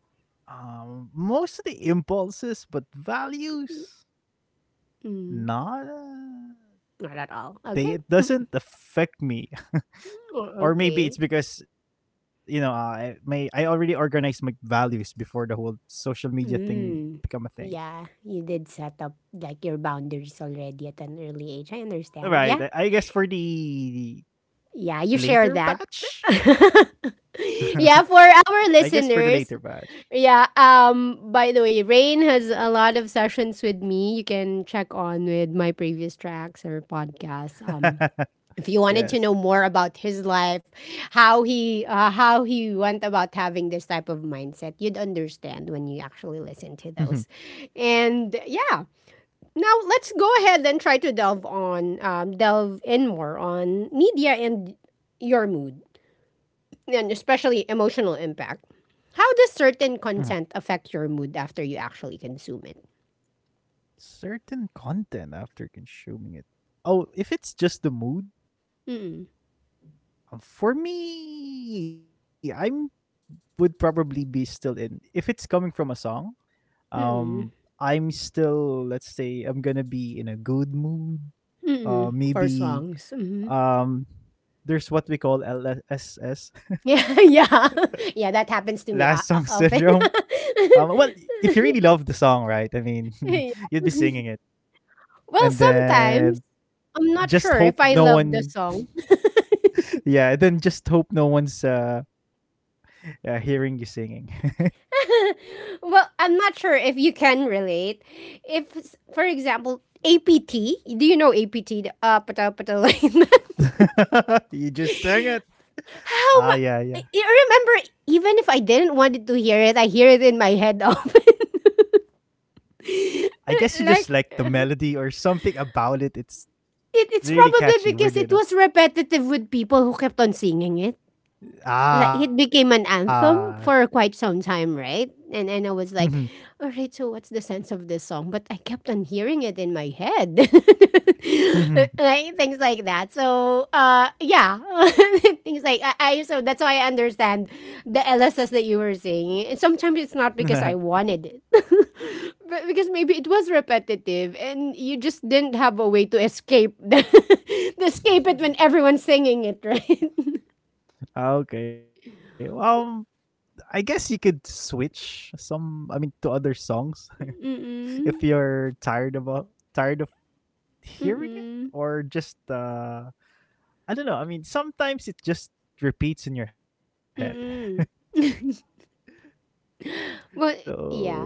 [SPEAKER 2] Um, most of the impulses, but values,
[SPEAKER 1] think?
[SPEAKER 2] not. Uh,
[SPEAKER 1] Not at all. Okay.
[SPEAKER 2] they it doesn't affect me,
[SPEAKER 1] Oh,
[SPEAKER 2] or maybe
[SPEAKER 1] okay.
[SPEAKER 2] it's because, you know, I may I already organized my values before the whole social media thing become a
[SPEAKER 1] Mm.
[SPEAKER 2] thing.
[SPEAKER 1] Yeah, you did set up like your boundaries already at an early age. I understand.
[SPEAKER 2] Right.
[SPEAKER 1] Yeah.
[SPEAKER 2] I I guess for the
[SPEAKER 1] Yeah, you share
[SPEAKER 2] later
[SPEAKER 1] that.
[SPEAKER 2] batch? I
[SPEAKER 1] Yeah, for
[SPEAKER 2] guess for the
[SPEAKER 1] our
[SPEAKER 2] later batch.
[SPEAKER 1] listeners, yeah, um by the way, Rain has a lot of sessions with me. You can check on with my previous tracks or podcasts. Um if you wanted to
[SPEAKER 2] Yes.
[SPEAKER 1] know more about his life, how he uh, how he went about having this type of mindset, you'd understand when you actually listen to
[SPEAKER 2] Mhm,
[SPEAKER 1] those. And yeah, now let's go ahead and try to delve on, um, delve in more on media and your mood, and especially emotional impact. How does
[SPEAKER 2] mhm.
[SPEAKER 1] certain content affect your mood after you actually consume it?
[SPEAKER 2] Certain content after consuming it. Oh, if it's just the mood,
[SPEAKER 1] Mm-mm,
[SPEAKER 2] uh, for me, I'm would probably be still in, if it's coming from a song, um,
[SPEAKER 1] mm-mm,
[SPEAKER 2] I'm still, let's say, I'm gonna be in a good mood. Uh,
[SPEAKER 1] mm-mm, for
[SPEAKER 2] maybe,
[SPEAKER 1] songs. Mhm.
[SPEAKER 2] um, there's what we call L S S,
[SPEAKER 1] Yeah, yeah. Yeah,
[SPEAKER 2] last
[SPEAKER 1] that
[SPEAKER 2] song
[SPEAKER 1] happens to me o-
[SPEAKER 2] syndrome.
[SPEAKER 1] o- often.
[SPEAKER 2] Um, well, if you really love the song, right? I mean,
[SPEAKER 1] Yeah.
[SPEAKER 2] you'd be singing it, and
[SPEAKER 1] Well,
[SPEAKER 2] then
[SPEAKER 1] sometimes I'm not
[SPEAKER 2] just
[SPEAKER 1] sure
[SPEAKER 2] hope
[SPEAKER 1] if I
[SPEAKER 2] no
[SPEAKER 1] love the
[SPEAKER 2] one,
[SPEAKER 1] song.
[SPEAKER 2] yeah, and then just hope no one's uh, uh hearing you singing.
[SPEAKER 1] Well, I'm not sure if you can relate. If, s- For example, A P T, do you know A P T? The Uh, pata pata line.
[SPEAKER 2] You just sang it.
[SPEAKER 1] How
[SPEAKER 2] Ah,
[SPEAKER 1] much?
[SPEAKER 2] yeah, yeah.
[SPEAKER 1] You remember, even if I didn't wanted to hear it, I hear it in my head often.
[SPEAKER 2] I guess you just
[SPEAKER 1] Like,
[SPEAKER 2] like the melody or something about it. It's
[SPEAKER 1] it, it's
[SPEAKER 2] really
[SPEAKER 1] probably
[SPEAKER 2] catchy. We're
[SPEAKER 1] because it
[SPEAKER 2] doing
[SPEAKER 1] was repetitive with people who kept on singing it. Like it
[SPEAKER 2] Ah.
[SPEAKER 1] became an anthem for quite some time, right? And and I
[SPEAKER 2] Mhm,
[SPEAKER 1] was like, all right, so what's the sense of this song? But I kept on hearing it in my head,
[SPEAKER 2] mhm.
[SPEAKER 1] right? Things like that. So uh, yeah, things like I, I so that's why I understand the L S S that you were saying. And sometimes it's not because I wanted it, but because maybe it was repetitive and you just didn't have a way to escape the, escape it when everyone's singing it, right?
[SPEAKER 2] Okay. Um, I guess you could switch some. I mean, to other songs. if
[SPEAKER 1] Mm-mm.
[SPEAKER 2] you're tired about tired of hearing it,
[SPEAKER 1] Mm-mm.
[SPEAKER 2] or just, uh, I don't know. I mean, sometimes it just repeats in your head.
[SPEAKER 1] Mm-mm. Well,
[SPEAKER 2] So
[SPEAKER 1] yeah.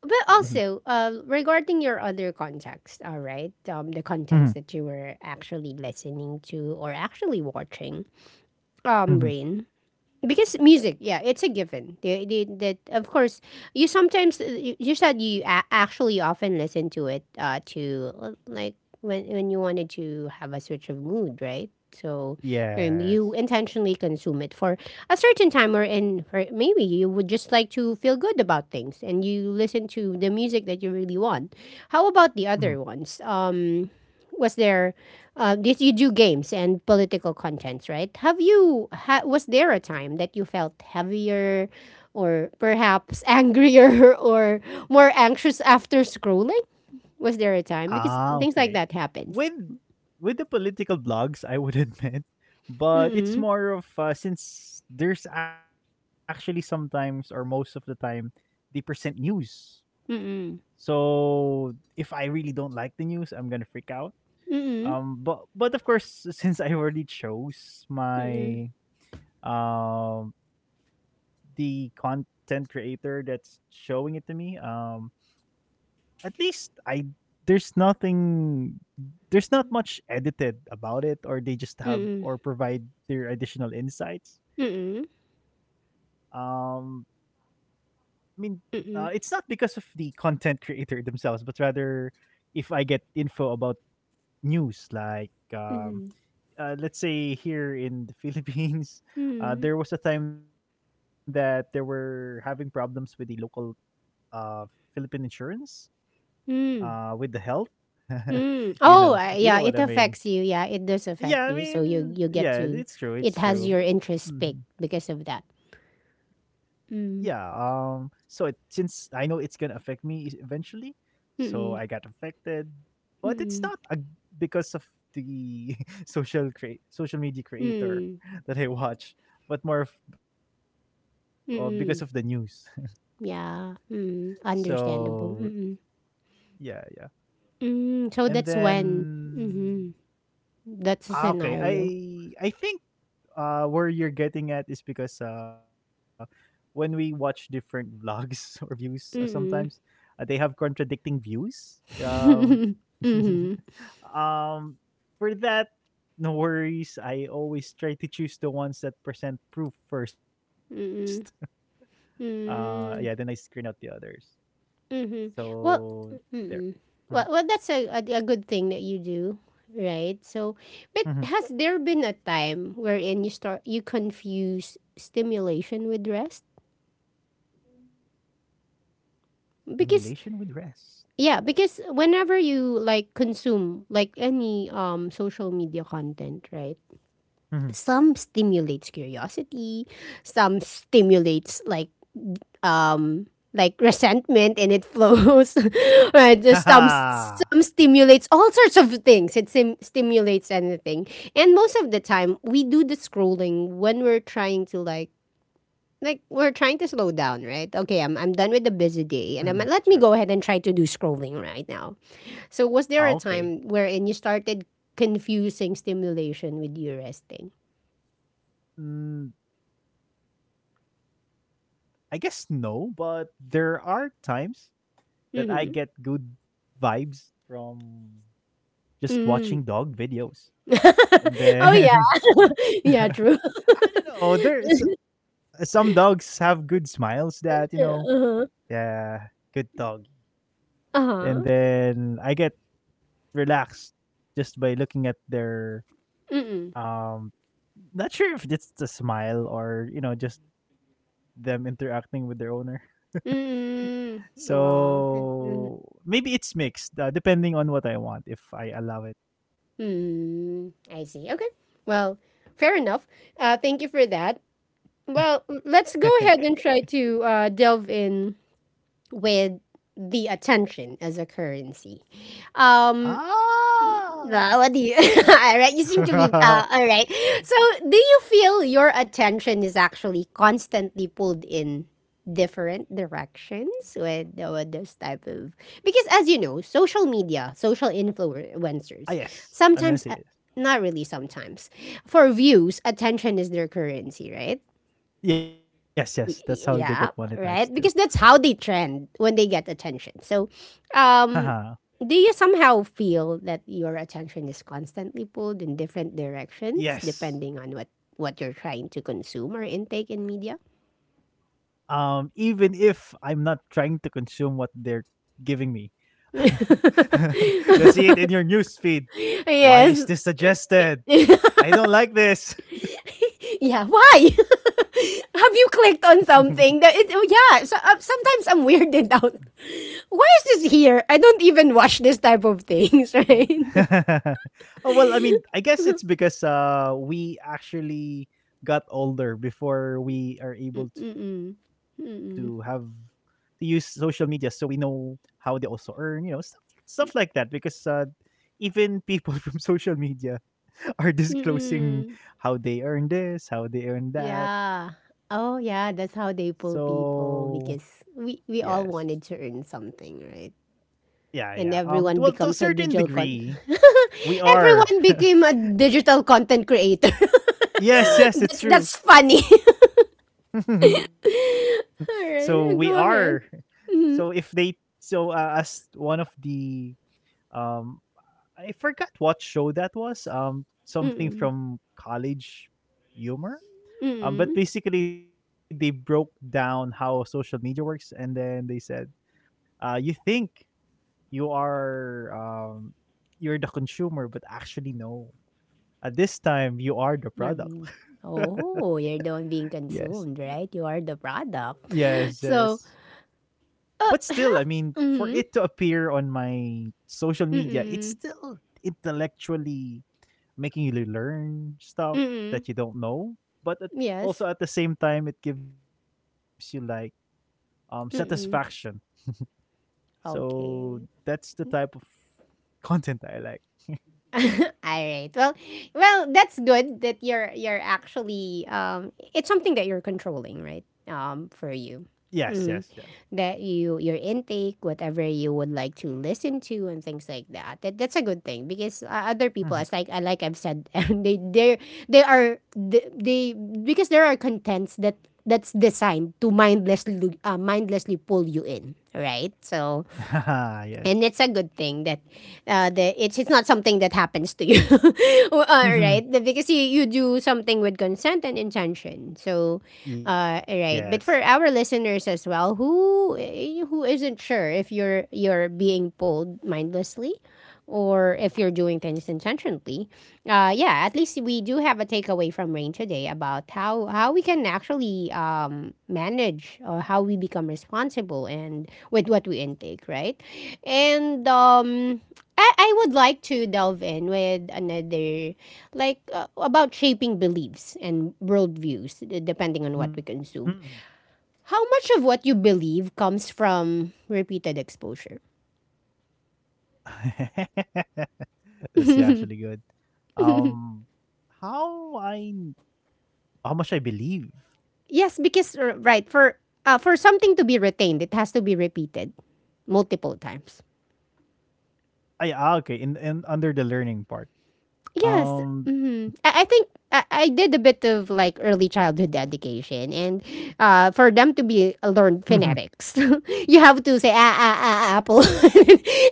[SPEAKER 1] But also, uh, regarding your other context, all right, um, the
[SPEAKER 2] hmm
[SPEAKER 1] contents that you were actually listening to or actually watching, um,
[SPEAKER 2] hmm
[SPEAKER 1] Rain, because music, yeah, it's a given they, they, that of course you sometimes uh, you you said you a- actually often listen to it uh to uh, like when when you wanted to have a switch of mood, right? So um,
[SPEAKER 2] yes.
[SPEAKER 1] you intentionally consume it for a certain time, or in, or maybe you would just like to feel good about things and you listen to the music that you really want. How about the
[SPEAKER 2] Hmm.
[SPEAKER 1] other ones? Um was there uh, this, you do games and political contents, right? Have you ha- was there a time that you felt heavier, or perhaps angrier, or more anxious after scrolling? Was there a time, because
[SPEAKER 2] Ah,
[SPEAKER 1] things like
[SPEAKER 2] okay.
[SPEAKER 1] that happens?
[SPEAKER 2] With with the political blogs, I would admit, but it's
[SPEAKER 1] Mm
[SPEAKER 2] more of, uh, since there's actually sometimes or most of the time they present news.
[SPEAKER 1] mm
[SPEAKER 2] So if I really don't like the news, I'm gonna freak out.
[SPEAKER 1] mm
[SPEAKER 2] Um, but but of course, since I already chose
[SPEAKER 1] mm
[SPEAKER 2] my, um, the content creator that's showing it to me, um, at least I there's nothing there's not much edited about it, or they just have
[SPEAKER 1] mm
[SPEAKER 2] or provide their additional insights.
[SPEAKER 1] mm mm
[SPEAKER 2] Um, I mean, uh, it's not because of
[SPEAKER 1] mm
[SPEAKER 2] the content creator themselves, but rather if I get info about news, like um,
[SPEAKER 1] mm
[SPEAKER 2] uh, let's say here in the Philippines, uh,
[SPEAKER 1] mm
[SPEAKER 2] there was a time that they were having problems with the local, uh, Philippine insurance, uh, with the health.
[SPEAKER 1] mm.
[SPEAKER 2] You know,
[SPEAKER 1] Oh uh,
[SPEAKER 2] you know
[SPEAKER 1] yeah,
[SPEAKER 2] what I
[SPEAKER 1] it
[SPEAKER 2] mean.
[SPEAKER 1] affects you. Yeah, it does
[SPEAKER 2] Yeah,
[SPEAKER 1] affect
[SPEAKER 2] I
[SPEAKER 1] you. So
[SPEAKER 2] mean,
[SPEAKER 1] you you get
[SPEAKER 2] yeah,
[SPEAKER 1] to,
[SPEAKER 2] it's true,
[SPEAKER 1] it
[SPEAKER 2] it's
[SPEAKER 1] has
[SPEAKER 2] true.
[SPEAKER 1] your interest
[SPEAKER 2] Mm-hmm.
[SPEAKER 1] picked because of that.
[SPEAKER 2] Yeah, um,
[SPEAKER 1] Mm
[SPEAKER 2] so it, since I know it's gonna affect me is- eventually, so I got
[SPEAKER 1] mm
[SPEAKER 2] affected, but it's not
[SPEAKER 1] mm,
[SPEAKER 2] a, because of the social create social media creator
[SPEAKER 1] mm,
[SPEAKER 2] that I watch, but more of, uh, because of the news.
[SPEAKER 1] mm. Yeah, mm,
[SPEAKER 2] So
[SPEAKER 1] understandable, mm.
[SPEAKER 2] yeah, yeah,
[SPEAKER 1] Mm,
[SPEAKER 2] and
[SPEAKER 1] so that's when,
[SPEAKER 2] then
[SPEAKER 1] mhm, that's a
[SPEAKER 2] ah, okay, I
[SPEAKER 1] scenario.
[SPEAKER 2] I think, uh, where you're getting at is because, uh, when we watch different vlogs or views, uh, sometimes,
[SPEAKER 1] Mm.
[SPEAKER 2] uh, they have contradicting views. Um,
[SPEAKER 1] Mhm, mm,
[SPEAKER 2] um, for that, no worries. I always try to choose the ones that present proof first. Uh, yeah, then I screen
[SPEAKER 1] mm,
[SPEAKER 2] out the others.
[SPEAKER 1] mhm. Well,
[SPEAKER 2] So there.
[SPEAKER 1] mm.
[SPEAKER 2] Mhm,
[SPEAKER 1] Well, well, that's a a a good thing that you do, right? So, but
[SPEAKER 2] mhm.
[SPEAKER 1] has there been a time wherein you start you confuse stimulation with rest?
[SPEAKER 2] Stimulation with
[SPEAKER 1] Because,
[SPEAKER 2] rest.
[SPEAKER 1] yeah, because whenever you like consume like any um social media content, right?
[SPEAKER 2] Mhm.
[SPEAKER 1] Some stimulates curiosity, some stimulates like, um like resentment, and it flows. Right? Just some
[SPEAKER 2] Haha.
[SPEAKER 1] some stimulates all sorts of things. It sim- stimulates anything. And most of the time we do the scrolling when we're trying to like like we're trying to slow down, right? Okay, I'm I'm done with the
[SPEAKER 2] Mhm,
[SPEAKER 1] busy day,
[SPEAKER 2] mhm.
[SPEAKER 1] and I'm,
[SPEAKER 2] True.
[SPEAKER 1] let me go ahead and try to do scrolling right now. So was there a
[SPEAKER 2] Ah,
[SPEAKER 1] time
[SPEAKER 2] okay.
[SPEAKER 1] wherein you started confusing stimulation with you resting?
[SPEAKER 2] Mm, I guess no, but there are times that I
[SPEAKER 1] Mm-hmm.
[SPEAKER 2] get good vibes from
[SPEAKER 1] Mm.
[SPEAKER 2] just watching dog videos.
[SPEAKER 1] Oh
[SPEAKER 2] And
[SPEAKER 1] yeah.
[SPEAKER 2] then
[SPEAKER 1] Yeah, true.
[SPEAKER 2] I don't know, there's some dogs have good smiles that, you know,
[SPEAKER 1] Uh-huh.
[SPEAKER 2] yeah, good dog.
[SPEAKER 1] Uh-huh.
[SPEAKER 2] And then I get relaxed just by looking at their, um, not sure if it's the smile or, you know, just them interacting with their owner.
[SPEAKER 1] Mm. Oh. Mm.
[SPEAKER 2] So maybe it's mixed, uh, depending on what I want if I allow it.
[SPEAKER 1] Mm. I see. Okay. Well, fair enough. Uh, thank you for that. Well, let's go ahead and try to uh delve in with the attention as a currency. Um Well, what do you?
[SPEAKER 2] Ah!
[SPEAKER 1] All right, you seem to be uh, all right.
[SPEAKER 2] Ah,
[SPEAKER 1] So, do you feel your attention is actually constantly pulled in different directions with, with this type of? Because, as you know, social media, social influencers, sometimes,
[SPEAKER 2] yes,
[SPEAKER 1] uh,
[SPEAKER 2] I'm gonna say
[SPEAKER 1] not
[SPEAKER 2] yes.
[SPEAKER 1] really sometimes,
[SPEAKER 2] Mhm.
[SPEAKER 1] for views, attention is their currency, right?
[SPEAKER 2] Yes,
[SPEAKER 1] Y-
[SPEAKER 2] yes, that's
[SPEAKER 1] y-
[SPEAKER 2] how they
[SPEAKER 1] yeah,
[SPEAKER 2] get
[SPEAKER 1] right?
[SPEAKER 2] monetized too.
[SPEAKER 1] Because that's how they trend when they get attention. So, um, do
[SPEAKER 2] Haha.
[SPEAKER 1] you somehow feel that your attention is constantly pulled in different directions depending on what
[SPEAKER 2] Yes.
[SPEAKER 1] what you're trying to consume or intake in media?
[SPEAKER 2] Um, even if I'm not trying to consume what they're giving me, you see it in your news feed. Why
[SPEAKER 1] Yes.
[SPEAKER 2] is this suggested? I don't like this.
[SPEAKER 1] Yeah. Why? Have you clicked on something that it? Oh, yeah. So, uh, sometimes I'm weirded out. Why is this here? I don't even watch this type of things, right?
[SPEAKER 2] Oh well, I mean, I guess it's because, uh, we actually got older before we are able to have
[SPEAKER 1] Mm-mm.
[SPEAKER 2] to use social media, so we know how they also earn, you know, stuff stuff like that. Because, uh, even people from social media are disclosing how they earn this, how they earn that.
[SPEAKER 1] Yeah. Oh yeah, that's how they pull
[SPEAKER 2] So
[SPEAKER 1] people, because we
[SPEAKER 2] yes.
[SPEAKER 1] we all wanted to earn something, right?
[SPEAKER 2] Yeah, yeah.
[SPEAKER 1] And
[SPEAKER 2] Um, t-
[SPEAKER 1] everyone
[SPEAKER 2] well, to a
[SPEAKER 1] becomes a
[SPEAKER 2] certain
[SPEAKER 1] digital con
[SPEAKER 2] degree, we are.
[SPEAKER 1] everyone became a digital content creator.
[SPEAKER 2] Yes, yes, it's
[SPEAKER 1] that's
[SPEAKER 2] true.
[SPEAKER 1] that's funny.
[SPEAKER 2] So we
[SPEAKER 1] All
[SPEAKER 2] are.
[SPEAKER 1] right, go ahead.
[SPEAKER 2] So if they, so uh, as one of the, um, I forgot what show that was. Um, something
[SPEAKER 1] Mm-mm.
[SPEAKER 2] from College Humor. Um, but
[SPEAKER 1] Mm-mm.
[SPEAKER 2] basically they broke down how social media works, and then they said, uh, you think you are, um, you're the consumer, but actually no. At this time, you are the product.
[SPEAKER 1] Um, oh, you're the one being
[SPEAKER 2] Yes.
[SPEAKER 1] consumed, right? You are the
[SPEAKER 2] Yes,
[SPEAKER 1] product.
[SPEAKER 2] yes.
[SPEAKER 1] So,
[SPEAKER 2] But still, I
[SPEAKER 1] uh,
[SPEAKER 2] mean,
[SPEAKER 1] huh?
[SPEAKER 2] for it to
[SPEAKER 1] Mm-mm,
[SPEAKER 2] appear on my social media, it's
[SPEAKER 1] mm-mm,
[SPEAKER 2] still intellectually making you learn stuff
[SPEAKER 1] mm-mm.
[SPEAKER 2] that you don't know, but at,
[SPEAKER 1] Yes.
[SPEAKER 2] also at the same time it gives you like, um, satisfaction.
[SPEAKER 1] Mm-mm.
[SPEAKER 2] So
[SPEAKER 1] Okay.
[SPEAKER 2] that's the type of content I like.
[SPEAKER 1] All right. Well, well, that's good that you're you're actually, um it's something that you're controlling, right? Um for
[SPEAKER 2] Yes,
[SPEAKER 1] you.
[SPEAKER 2] yes, yes.
[SPEAKER 1] That you, your intake, whatever you would like to listen to and things like that. That that's a good thing because, uh, other people,
[SPEAKER 2] Mhm.
[SPEAKER 1] as like I, like I've said, they they they are they, they because there are contents that that's designed to mindlessly lu- uh, mindlessly pull you in, right? So,
[SPEAKER 2] Yes.
[SPEAKER 1] and it's a good thing that uh, the, it's it's not something that happens to you, well, uh,
[SPEAKER 2] Mhm.
[SPEAKER 1] right? Because you, you do something with consent and intention. So, uh,
[SPEAKER 2] Yes.
[SPEAKER 1] right. But for our listeners as well, who, eh, who isn't sure if you're, you're being pulled mindlessly, or
[SPEAKER 2] Mhm.
[SPEAKER 1] if you're doing things intentionally. Uh, yeah, at least we do have a takeaway from Rain today about how, how we can actually um, manage, or how we become responsible and with what we intake, right? And um, I, I would like to delve in with another, like uh, about shaping beliefs and worldviews d- depending on what we
[SPEAKER 2] Mm.
[SPEAKER 1] consume. How much of what you believe comes from repeated exposure?
[SPEAKER 2] That's actually good. Um, how I how much I believe.
[SPEAKER 1] Yes, because r- right, for uh, for something to be retained, it has to be repeated multiple times.
[SPEAKER 2] Ay, ah, okay, in in under the learning part.
[SPEAKER 1] Yes,
[SPEAKER 2] Um,
[SPEAKER 1] hmm, I, I think I, I did a bit of like early childhood education, and uh, for them to be uh, learned phonetics, you have to say ah ah ah ah, apple,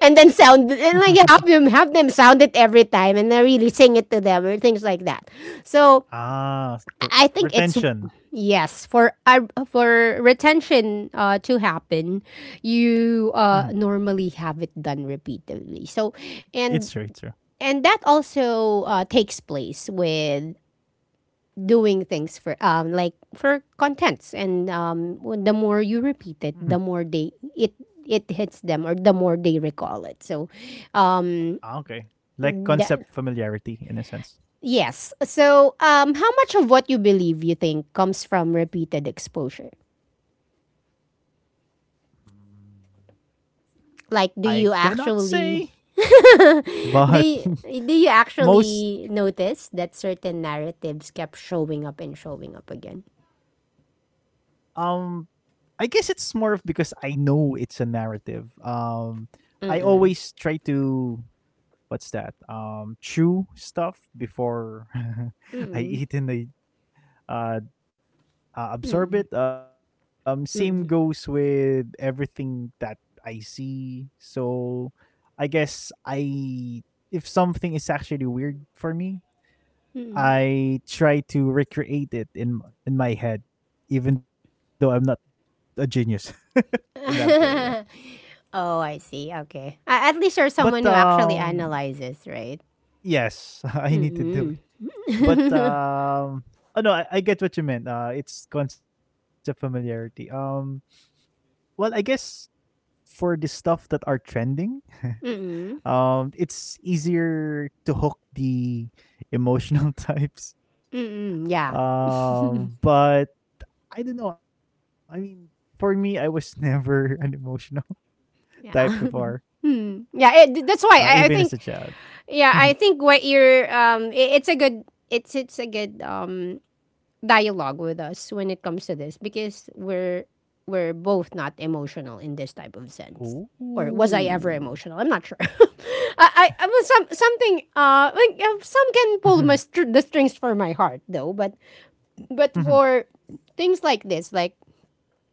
[SPEAKER 1] and then sound, and like have them, have them sound it every time, and then really sing it to them or things like that. So
[SPEAKER 2] ah,
[SPEAKER 1] I
[SPEAKER 2] the
[SPEAKER 1] think it's
[SPEAKER 2] retention.
[SPEAKER 1] yes, for uh, for retention uh, to happen, you
[SPEAKER 2] Mhm.
[SPEAKER 1] uh, normally have it done repeatedly. So and
[SPEAKER 2] It's true. It's true.
[SPEAKER 1] and that also uh, takes place with doing things for um like for contents, and um when, the more you
[SPEAKER 2] Mhm.
[SPEAKER 1] repeat it, the more they, it it hits them, or the more they recall it. So um
[SPEAKER 2] Ah, okay. Like
[SPEAKER 1] that,
[SPEAKER 2] concept familiarity in a sense.
[SPEAKER 1] yes. So um how much of what you believe you think comes from repeated exposure?
[SPEAKER 2] Mm,
[SPEAKER 1] Like, do you
[SPEAKER 2] I cannot
[SPEAKER 1] actually
[SPEAKER 2] say,
[SPEAKER 1] do you,
[SPEAKER 2] but
[SPEAKER 1] do you actually
[SPEAKER 2] most,
[SPEAKER 1] notice that certain narratives kept showing up and showing up again?
[SPEAKER 2] um, I guess it's more of because I know it's a narrative. Um, I always try to, what's that? Um, chew stuff before I eat and I uh, uh, absorb it. Um, same goes with everything that I see. So I guess I if something is actually weird for me, I try to recreate it in in my head, even though I'm not a genius in that area.
[SPEAKER 1] Oh, I see. Okay. A- at least you're
[SPEAKER 2] But
[SPEAKER 1] someone who actually
[SPEAKER 2] um,
[SPEAKER 1] analyzes, right?
[SPEAKER 2] yes, I need to do,
[SPEAKER 1] Mm.
[SPEAKER 2] but um, oh no, I, I get what you meant, uh, it's concept familiarity. Um, well, i guess for the stuff that are trending, um, it's easier to hook the emotional types.
[SPEAKER 1] Mm-mm, yeah.
[SPEAKER 2] Um, but i don't know, I mean, for me, i was never an emotional type
[SPEAKER 1] Yeah,
[SPEAKER 2] before,
[SPEAKER 1] mm. Yeah, it, that's
[SPEAKER 2] uh
[SPEAKER 1] why
[SPEAKER 2] even
[SPEAKER 1] I, I
[SPEAKER 2] as a
[SPEAKER 1] think,
[SPEAKER 2] child.
[SPEAKER 1] yeah, I think what you're, um i- it's a good, it's it's a good um dialogue with us when it comes to this, because we're we're both not emotional in this type of
[SPEAKER 2] Ooh.
[SPEAKER 1] sense. Or was I ever emotional? I'm not sure. I, I, I was some something uh like, uh, some can pull my
[SPEAKER 2] Mhm,
[SPEAKER 1] str- the strings for my heart, though, but but
[SPEAKER 2] mhm.
[SPEAKER 1] for things like this, like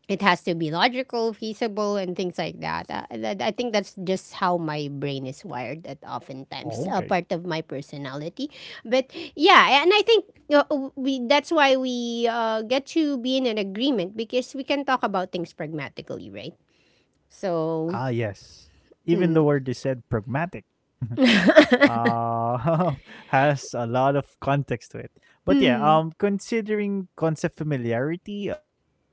[SPEAKER 1] it has to be logical, feasible, and things like that. Uh, that, I think that's just how my brain is wired. That oftentimes, a
[SPEAKER 2] Okay.
[SPEAKER 1] part of my personality, but yeah, and I think, uh, we, that's why we uh, get to be in an agreement because we can talk about things pragmatically, right?
[SPEAKER 2] Ah,
[SPEAKER 1] So,
[SPEAKER 2] yes, even the word you said, pragmatic, uh has a lot of context to it. But yeah, um considering concept familiarity, um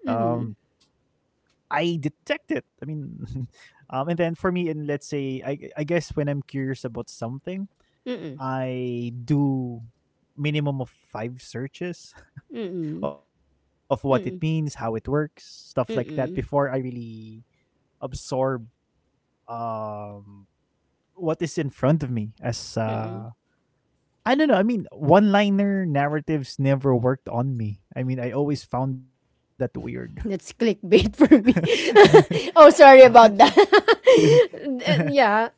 [SPEAKER 2] I
[SPEAKER 1] mm-hmm,
[SPEAKER 2] detect it. I mean um and then for me, in let's say I I guess, when I'm curious about something, I do minimum of five searches.
[SPEAKER 1] mm-mm,
[SPEAKER 2] Of what it means, how it
[SPEAKER 1] mm-mm,
[SPEAKER 2] works, stuff like that before I
[SPEAKER 1] mm-mm,
[SPEAKER 2] really absorb um what is in front of me as
[SPEAKER 1] mm-mm.
[SPEAKER 2] uh I don't know. I mean, one-liner narratives never worked on me. I mean, I always found that weird.
[SPEAKER 1] That's clickbait for me. Oh,
[SPEAKER 2] What?
[SPEAKER 1] sorry about that. Yeah.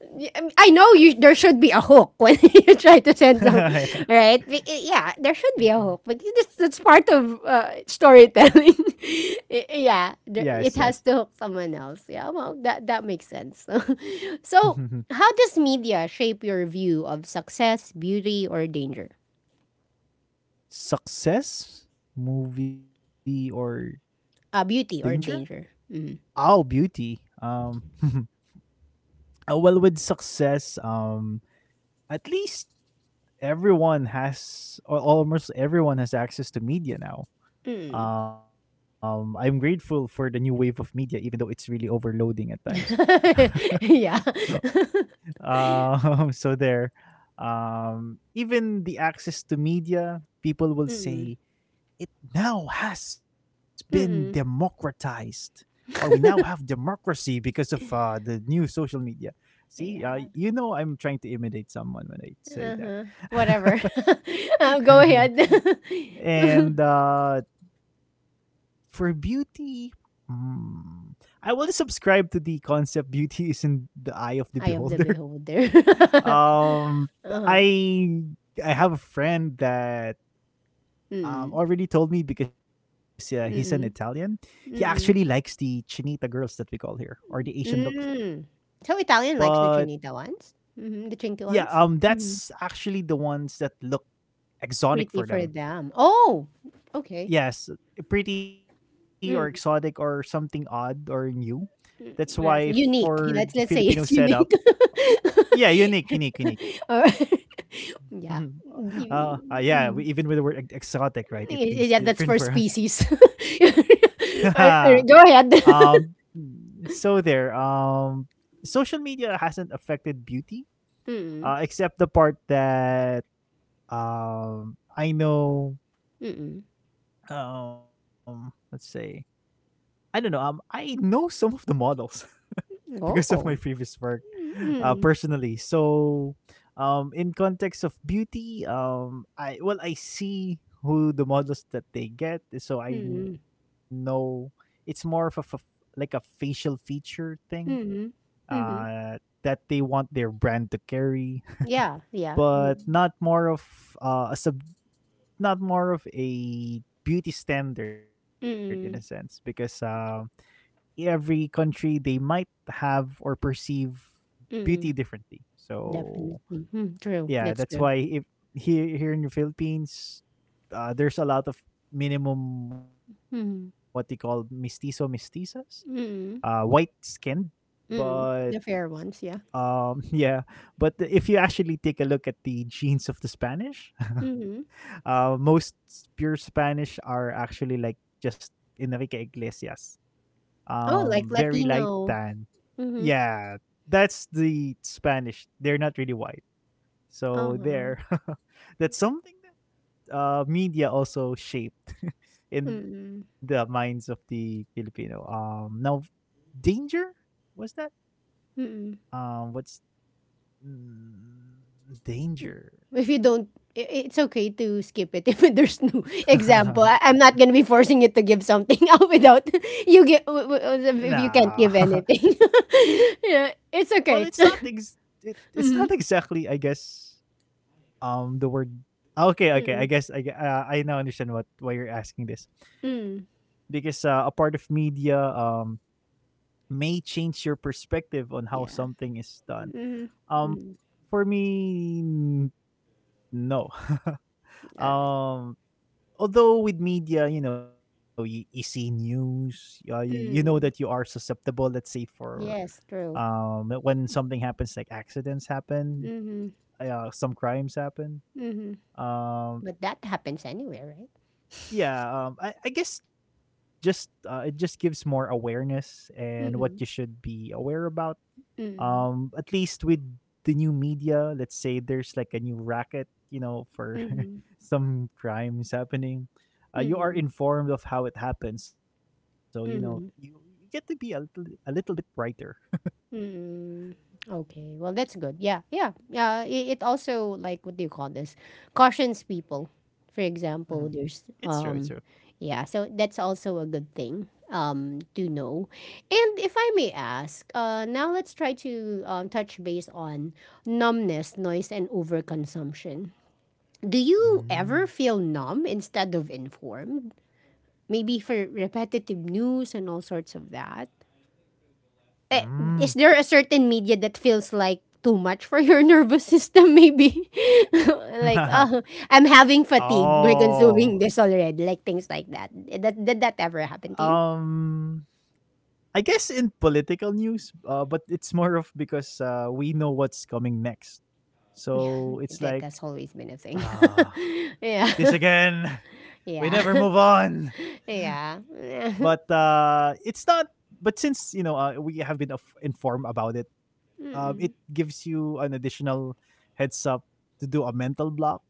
[SPEAKER 1] I know, you there should be a hook when you try to send some, right? Be- Yeah, there should be a hook. But that's, that's part of uh, storytelling.
[SPEAKER 2] Yes,
[SPEAKER 1] Yeah,
[SPEAKER 2] yes.
[SPEAKER 1] there, it has to hook someone else. Yeah, well, that that makes sense. So, how does media shape your view of success, beauty, or danger?
[SPEAKER 2] Success, movie, or
[SPEAKER 1] Uh,
[SPEAKER 2] danger?
[SPEAKER 1] beauty or danger? Mm.
[SPEAKER 2] Oh, beauty. Um, uh, well, with success, um, at least everyone has, or almost everyone has access to media now. um I'm grateful for the new wave of media, even though it's really overloading at times.
[SPEAKER 1] Yeah.
[SPEAKER 2] um so there. Um even the access to media, people will
[SPEAKER 1] Mm-mm.
[SPEAKER 2] say it now has been democratized, or we now have democracy because of uh, the new social media. See, uh,
[SPEAKER 1] Yeah.
[SPEAKER 2] you know, I'm trying to imitate someone when I say that.
[SPEAKER 1] Uh-huh. Whatever. Uh, go ahead.
[SPEAKER 2] And uh for beauty, mm, I will subscribe to the concept beauty is in the eye of the
[SPEAKER 1] Eye
[SPEAKER 2] beholder.
[SPEAKER 1] of the beholder.
[SPEAKER 2] Um,
[SPEAKER 1] Uh-huh.
[SPEAKER 2] I I have a friend that um,
[SPEAKER 1] Mm.
[SPEAKER 2] already told me because uh, he's an Italian.
[SPEAKER 1] Mm.
[SPEAKER 2] He actually likes
[SPEAKER 1] Mm.
[SPEAKER 2] the Chinita girls that we call here, or the Asian looks.
[SPEAKER 1] Mm. So Italian likes the
[SPEAKER 2] But
[SPEAKER 1] Trinita ones? Hmm, the Trinity
[SPEAKER 2] yeah,
[SPEAKER 1] ones?
[SPEAKER 2] um,
[SPEAKER 1] Hmm,
[SPEAKER 2] that's actually the ones that look exotic
[SPEAKER 1] pretty
[SPEAKER 2] for
[SPEAKER 1] for
[SPEAKER 2] them.
[SPEAKER 1] them. Oh, okay.
[SPEAKER 2] Yes, pretty or exotic or
[SPEAKER 1] Mm.
[SPEAKER 2] something odd or new. That's why
[SPEAKER 1] Yeah, so
[SPEAKER 2] for the
[SPEAKER 1] unique.
[SPEAKER 2] Filipino
[SPEAKER 1] Let's let's say
[SPEAKER 2] setup,
[SPEAKER 1] it's unique.
[SPEAKER 2] yeah, unique, unique, unique.
[SPEAKER 1] Or yeah.
[SPEAKER 2] Mhm. Uh,
[SPEAKER 1] Y-
[SPEAKER 2] uh, yeah, we,
[SPEAKER 1] mhm.
[SPEAKER 2] even with the word ex- exotic, right? It
[SPEAKER 1] Y-
[SPEAKER 2] means
[SPEAKER 1] yeah, that's
[SPEAKER 2] different
[SPEAKER 1] for
[SPEAKER 2] for us.
[SPEAKER 1] species. Ar- ar- Go ahead.
[SPEAKER 2] um, so there. Um, social media hasn't affected beauty,
[SPEAKER 1] Mm-mm.
[SPEAKER 2] uh, except the part that um I know.
[SPEAKER 1] Mm-mm.
[SPEAKER 2] Um, let's say I don't know. Um, I know some of the models because of my
[SPEAKER 1] Oh.
[SPEAKER 2] previous work, uh,
[SPEAKER 1] Mm-mm.
[SPEAKER 2] personally. So, um, in context of beauty, um, I, well, I see who the models that they get, so I
[SPEAKER 1] Mm-mm.
[SPEAKER 2] know it's more of a, f- like a facial feature thing,
[SPEAKER 1] Mm-mm.
[SPEAKER 2] uh,
[SPEAKER 1] Mm-mm.
[SPEAKER 2] that they want their brand to carry,
[SPEAKER 1] Yeah, yeah.
[SPEAKER 2] but
[SPEAKER 1] Mm.
[SPEAKER 2] not more of uh, a sub, not more of a beauty standard in a sense, because
[SPEAKER 1] Mm-mm.
[SPEAKER 2] um every country, they might have or perceive beauty
[SPEAKER 1] Mm-mm.
[SPEAKER 2] differently. So
[SPEAKER 1] Definitely. Mm, true.
[SPEAKER 2] yeah,
[SPEAKER 1] That's
[SPEAKER 2] that's
[SPEAKER 1] true.
[SPEAKER 2] why if here here in the Philippines, uh, there's a lot of minimum what they call
[SPEAKER 1] Mm-hmm.
[SPEAKER 2] mestizo mestizas, uh, white
[SPEAKER 1] Mm-mm.
[SPEAKER 2] skinned, but
[SPEAKER 1] Mm-mm. The fair ones, yeah.
[SPEAKER 2] um yeah, but the, if you actually take a look at the genes of the Spanish,
[SPEAKER 1] Mm-hmm.
[SPEAKER 2] uh, most pure Spanish are actually like just Enrique Iglesias,
[SPEAKER 1] Oh,
[SPEAKER 2] um
[SPEAKER 1] like
[SPEAKER 2] very light
[SPEAKER 1] Latino.
[SPEAKER 2] tan.
[SPEAKER 1] Mm-hmm.
[SPEAKER 2] Yeah, that's the Spanish, they're not really white, so
[SPEAKER 1] Uh-huh.
[SPEAKER 2] there. That's something that uh media also shaped in the
[SPEAKER 1] Mm-mm.
[SPEAKER 2] minds of the Filipino. um now, danger, was that
[SPEAKER 1] Mm-mm.
[SPEAKER 2] um what's mm, danger.
[SPEAKER 1] If you don't, i- it's okay to skip it if there's no example. I, I'm not gonna be forcing you to give something out without you get, w- w-
[SPEAKER 2] Nah.
[SPEAKER 1] if you can't give anything. Yeah, it's
[SPEAKER 2] Well, it's
[SPEAKER 1] okay.
[SPEAKER 2] not ex- it, it's not
[SPEAKER 1] Mm-hmm.
[SPEAKER 2] exactly, I guess, um the word ah, okay okay, I
[SPEAKER 1] Mm.
[SPEAKER 2] guess, i gue- uh, I now understand what, why you're asking this,
[SPEAKER 1] Mm.
[SPEAKER 2] because uh, a part of media um may change your perspective on how
[SPEAKER 1] Yeah.
[SPEAKER 2] something is done.
[SPEAKER 1] Mm-hmm.
[SPEAKER 2] um
[SPEAKER 1] Mm-hmm.
[SPEAKER 2] for me, n- no.
[SPEAKER 1] All right.
[SPEAKER 2] Um, although with media, you know, you, you see news, uh, you, you know that you are
[SPEAKER 1] Mm.
[SPEAKER 2] susceptible, let's say, for
[SPEAKER 1] Yes, true.
[SPEAKER 2] um when something happens, like accidents happen,
[SPEAKER 1] Mm-hmm.
[SPEAKER 2] uh, some crimes happen,
[SPEAKER 1] Mm-hmm.
[SPEAKER 2] um,
[SPEAKER 1] But that happens anywhere, right?
[SPEAKER 2] yeah. um I, I guess just uh, it just gives more awareness, and what you should
[SPEAKER 1] Mm-hmm.
[SPEAKER 2] be aware about.
[SPEAKER 1] Mm-hmm.
[SPEAKER 2] um at least with the new media, let's say there's like a new racket, you know, for
[SPEAKER 1] Mm-hmm.
[SPEAKER 2] some crimes happening, uh, you are
[SPEAKER 1] Mm-hmm.
[SPEAKER 2] informed of how it happens, so you know you, you get
[SPEAKER 1] Mm-hmm.
[SPEAKER 2] to be a little, a little bit brighter.
[SPEAKER 1] Mm, okay. Well, that's good. Yeah, yeah. Yeah. It, it also, like, what do you call this? Cautions people. For example,
[SPEAKER 2] Mhm.
[SPEAKER 1] there's
[SPEAKER 2] It's true, it's
[SPEAKER 1] um,
[SPEAKER 2] true.
[SPEAKER 1] yeah. So that's also a good thing um to know. And if I may ask, uh, now let's try to um, touch base on numbness, noise, and overconsumption. Do you ever
[SPEAKER 2] Mm.
[SPEAKER 1] feel numb instead of informed? Maybe for repetitive news and all sorts of that eh,
[SPEAKER 2] Mm.
[SPEAKER 1] is there a certain media that feels like too much for your nervous system maybe like oh I'm having fatigue by consuming
[SPEAKER 2] Oh.
[SPEAKER 1] this already, like things like that. Did that, did that ever happen to you?
[SPEAKER 2] Um, I guess in political news, uh, but it's more of because uh, we know what's coming next. So it's
[SPEAKER 1] that
[SPEAKER 2] like,
[SPEAKER 1] that's always been a thing.
[SPEAKER 2] ah,
[SPEAKER 1] Yeah.
[SPEAKER 2] this again. We never
[SPEAKER 1] Yeah.
[SPEAKER 2] move on.
[SPEAKER 1] Yeah.
[SPEAKER 2] But uh it's not, but since you know, uh, we have been af- informed about it, um it
[SPEAKER 1] Mm-mm.
[SPEAKER 2] gives you an additional heads up to do a mental block,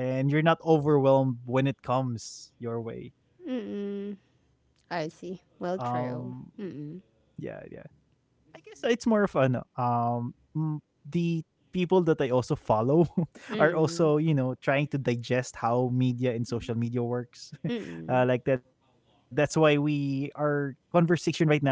[SPEAKER 2] and you're not overwhelmed when it comes your way.
[SPEAKER 1] Mm-mm. I see. Well,
[SPEAKER 2] Um
[SPEAKER 1] true. Mm-mm.
[SPEAKER 2] yeah, yeah. I guess it's more of an um mm, the people that I also follow are
[SPEAKER 1] Mm-mm.
[SPEAKER 2] also, you know, trying to digest how media and social media works.
[SPEAKER 1] Mm-mm.
[SPEAKER 2] Uh, like that. That's why we, our conversation right now would be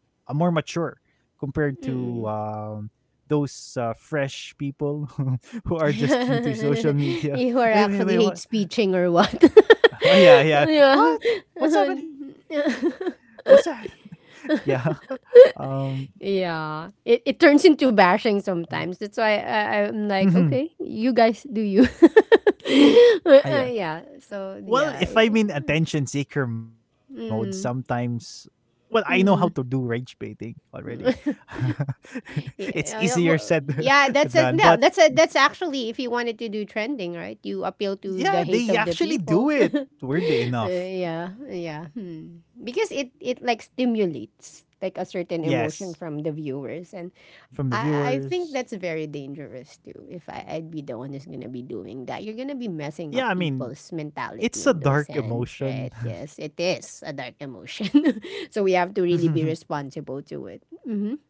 [SPEAKER 2] uh, more mature compared to
[SPEAKER 1] Mm-mm.
[SPEAKER 2] um those uh, fresh people who are just new to social media.
[SPEAKER 1] You are
[SPEAKER 2] Wait, wait,
[SPEAKER 1] actually
[SPEAKER 2] wait,
[SPEAKER 1] hate
[SPEAKER 2] what?
[SPEAKER 1] speeching or what?
[SPEAKER 2] Oh yeah, yeah.
[SPEAKER 1] Yeah.
[SPEAKER 2] What? What's happening? What's that? Yeah. Um.
[SPEAKER 1] Yeah. It, it turns into bashing sometimes. That's why I, I'm like, okay, you guys do you. Uh, yeah. So,
[SPEAKER 2] Well,
[SPEAKER 1] yeah.
[SPEAKER 2] if I'm in attention seeker mode,
[SPEAKER 1] Mm.
[SPEAKER 2] sometimes, well, I know how to do rage baiting already. It's
[SPEAKER 1] Yeah,
[SPEAKER 2] easier
[SPEAKER 1] uh, yeah,
[SPEAKER 2] said
[SPEAKER 1] well,
[SPEAKER 2] than
[SPEAKER 1] yeah, that's
[SPEAKER 2] done,
[SPEAKER 1] a
[SPEAKER 2] but
[SPEAKER 1] no. That's a that's actually if you wanted to do trending, right? You appeal to the
[SPEAKER 2] yeah,
[SPEAKER 1] hate
[SPEAKER 2] they
[SPEAKER 1] of the
[SPEAKER 2] actually do
[SPEAKER 1] people.
[SPEAKER 2] it. Weirdly
[SPEAKER 1] Uh,
[SPEAKER 2] enough,
[SPEAKER 1] yeah, yeah. Hmm. Because it it like stimulates like a certain
[SPEAKER 2] yes,
[SPEAKER 1] emotion from the viewers. And
[SPEAKER 2] from the
[SPEAKER 1] I I
[SPEAKER 2] viewers.
[SPEAKER 1] think that's very dangerous too. If I I'd be the one who's gonna be doing that, you're gonna be messing
[SPEAKER 2] Yeah,
[SPEAKER 1] up
[SPEAKER 2] I mean,
[SPEAKER 1] people's mentality
[SPEAKER 2] it's a
[SPEAKER 1] in those
[SPEAKER 2] dark
[SPEAKER 1] sense,
[SPEAKER 2] emotion.
[SPEAKER 1] right? Yes, it is a dark emotion, so we have to really be responsible to it. Mm-hmm.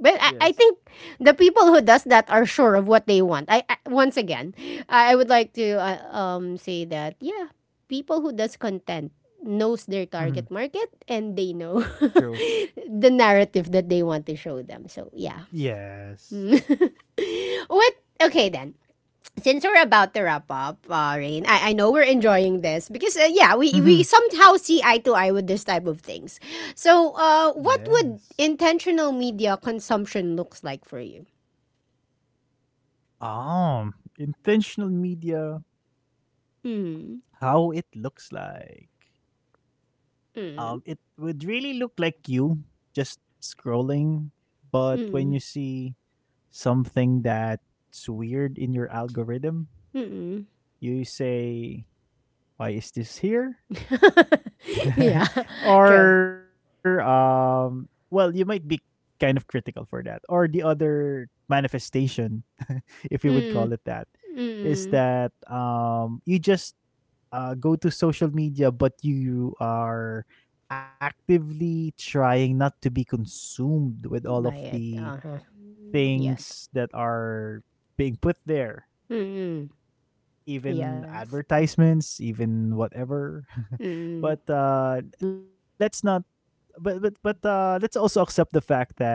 [SPEAKER 1] But I, I
[SPEAKER 2] Yes.
[SPEAKER 1] think the people who does that are sure of what they want. I, I once again, I, I would like to uh, um say that yeah, people who does content knows their
[SPEAKER 2] Mhm.
[SPEAKER 1] target market, and they know
[SPEAKER 2] True.
[SPEAKER 1] the narrative that they want to show them. So yeah.
[SPEAKER 2] Yes.
[SPEAKER 1] What? Okay, then, since we're about to wrap up, uh, Rain, I, I know we're enjoying this because uh, yeah, we we
[SPEAKER 2] Mhm.
[SPEAKER 1] somehow see eye to eye with this type of things. So, uh, what
[SPEAKER 2] Yes.
[SPEAKER 1] would intentional media consumption looks like for you?
[SPEAKER 2] Um, intentional media,
[SPEAKER 1] Mm.
[SPEAKER 2] how it looks like. Um, it
[SPEAKER 1] Mm.
[SPEAKER 2] would really look like you just scrolling, but when you
[SPEAKER 1] Mm.
[SPEAKER 2] see something that's weird in your algorithm,
[SPEAKER 1] Mm.
[SPEAKER 2] you say, "Why is this here?"
[SPEAKER 1] Yeah. True.
[SPEAKER 2] Or um, well, you might be kind of critical for that. Or the other manifestation, if you would call it
[SPEAKER 1] Mm.
[SPEAKER 2] that, is
[SPEAKER 1] Mm.
[SPEAKER 2] that, um, you just uh, go to social media, but you are actively trying not to be consumed with all of
[SPEAKER 1] Buy it.
[SPEAKER 2] the
[SPEAKER 1] Uh huh.
[SPEAKER 2] things
[SPEAKER 1] Yes.
[SPEAKER 2] that are being put there,
[SPEAKER 1] Mm.
[SPEAKER 2] even
[SPEAKER 1] Yes.
[SPEAKER 2] advertisements, even whatever.
[SPEAKER 1] Mm.
[SPEAKER 2] But uh, let's not. But but but uh, let's also accept the fact that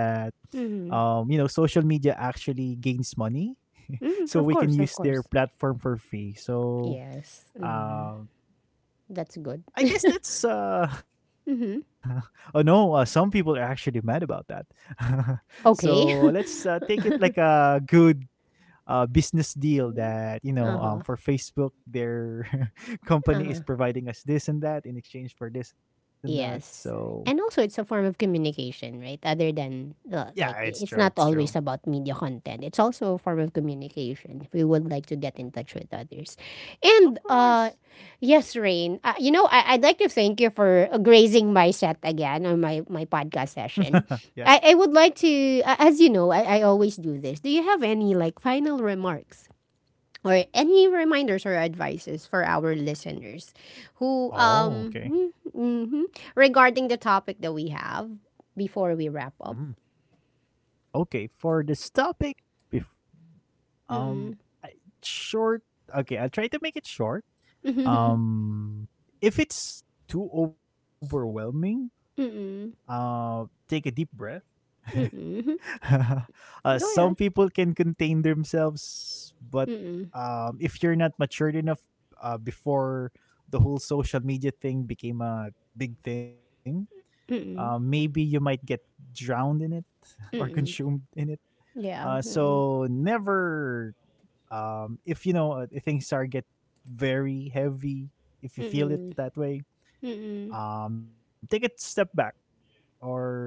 [SPEAKER 1] Mm.
[SPEAKER 2] um, you know, social media actually gains money,
[SPEAKER 1] Mm. Of
[SPEAKER 2] so we
[SPEAKER 1] course.
[SPEAKER 2] can
[SPEAKER 1] Of
[SPEAKER 2] use
[SPEAKER 1] course.
[SPEAKER 2] their platform for free. So.
[SPEAKER 1] Yes. Mm.
[SPEAKER 2] Um,
[SPEAKER 1] That's good.
[SPEAKER 2] I guess let's
[SPEAKER 1] Mm-hmm.
[SPEAKER 2] uh, oh no, uh, some people are actually mad about that.
[SPEAKER 1] Okay.
[SPEAKER 2] So let's uh, take it like a good, uh, business deal,
[SPEAKER 1] Uh
[SPEAKER 2] that
[SPEAKER 1] huh.
[SPEAKER 2] you know, um, for Facebook, their
[SPEAKER 1] Uh huh.
[SPEAKER 2] company is providing us this and that in exchange for this and
[SPEAKER 1] Yes.
[SPEAKER 2] that.
[SPEAKER 1] And also, it's
[SPEAKER 2] So
[SPEAKER 1] a form of communication, right? Other than, uh, like, i- it's not
[SPEAKER 2] yeah, it's
[SPEAKER 1] always
[SPEAKER 2] true,
[SPEAKER 1] about
[SPEAKER 2] it's
[SPEAKER 1] media
[SPEAKER 2] true.
[SPEAKER 1] content. It's also a form of communication if we would like to get in touch with others. And, uh,
[SPEAKER 2] Of
[SPEAKER 1] yes,
[SPEAKER 2] course.
[SPEAKER 1] Rain, uh, you know, I- I'd like to thank you for uh, grazing my set again on my, my podcast session. I, I would like
[SPEAKER 2] Yes.
[SPEAKER 1] to, a- as you know, I-, I always do this. Do you have any, like, final remarks? Or any reminders or advices for our listeners who um mm,
[SPEAKER 2] Oh,
[SPEAKER 1] mhm,
[SPEAKER 2] okay.
[SPEAKER 1] regarding the topic that we have before we wrap up.
[SPEAKER 2] Mm. Okay, for this topic, bef-
[SPEAKER 1] Mm-mm.
[SPEAKER 2] um I- short okay, I'll try to make it
[SPEAKER 1] Mm-mm.
[SPEAKER 2] short. Um, if it's too overwhelming,
[SPEAKER 1] Mm-mm.
[SPEAKER 2] uh, take a deep breath.
[SPEAKER 1] Mm-mm. Go ahead.
[SPEAKER 2] Uh, some people can contain
[SPEAKER 1] Mm-mm.
[SPEAKER 2] themselves, but um, if you're not matured enough uh, before the whole social media thing became a big thing,
[SPEAKER 1] Mm-mm.
[SPEAKER 2] uh, maybe you might get drowned in it
[SPEAKER 1] Mm-mm.
[SPEAKER 2] or consumed in
[SPEAKER 1] Yeah.
[SPEAKER 2] it.
[SPEAKER 1] Mm-mm.
[SPEAKER 2] Uh, so never, um, if you know uh, things are get very heavy,
[SPEAKER 1] Mm-mm.
[SPEAKER 2] if you feel it that
[SPEAKER 1] Mm-mm.
[SPEAKER 2] way, um, take a step back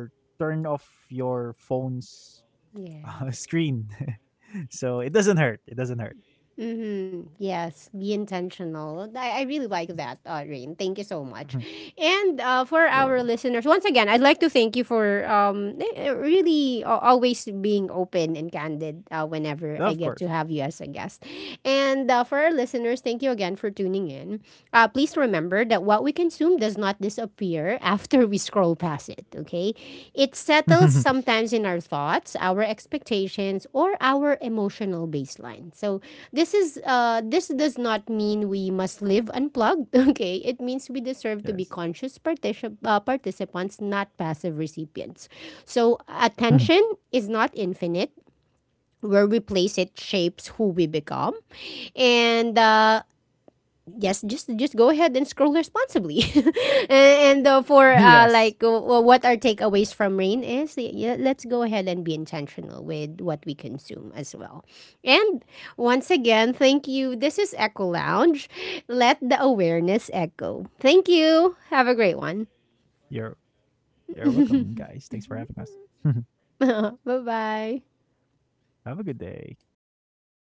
[SPEAKER 2] or turn off your phone's
[SPEAKER 1] Yes.
[SPEAKER 2] uh, screen. So it doesn't hurt. It doesn't
[SPEAKER 1] Mm-hmm.
[SPEAKER 2] hurt.
[SPEAKER 1] Yes, be intentional. I, I really like that, uh, Rain. Thank you so much. And uh,
[SPEAKER 2] Mhm.
[SPEAKER 1] for our
[SPEAKER 2] You're
[SPEAKER 1] listeners,
[SPEAKER 2] welcome.
[SPEAKER 1] once again, I'd like to thank you for um, eh, eh, really a- always being open and candid uh, whenever I get to have you as a
[SPEAKER 2] Of
[SPEAKER 1] guest.
[SPEAKER 2] course.
[SPEAKER 1] And uh, for our listeners, thank you again for tuning in. Uh, please remember that what we consume does not disappear appear after we scroll past it, okay? It settles sometimes in our thoughts, our expectations, or our emotional baseline. So this is uh this does not mean we must live unplugged, okay? It means we deserve to be conscious particip-
[SPEAKER 2] Yes.
[SPEAKER 1] uh, participants, not passive recipients. So attention is
[SPEAKER 2] Mhm.
[SPEAKER 1] not infinite. Where we place it shapes who we become. And uh, yes, just just go ahead and scroll responsibly and, and uh, for uh, like
[SPEAKER 2] Yes.
[SPEAKER 1] uh, uh, what our takeaways from Rain is, yeah, let's go ahead and be intentional with what we consume as well. And once again, thank you. This is Echo Lounge. Let the awareness echo. Thank you. Have a great one.
[SPEAKER 2] You're you're welcome, guys. Thanks for having us. Mhm.
[SPEAKER 1] Bye bye.
[SPEAKER 2] Have a good day.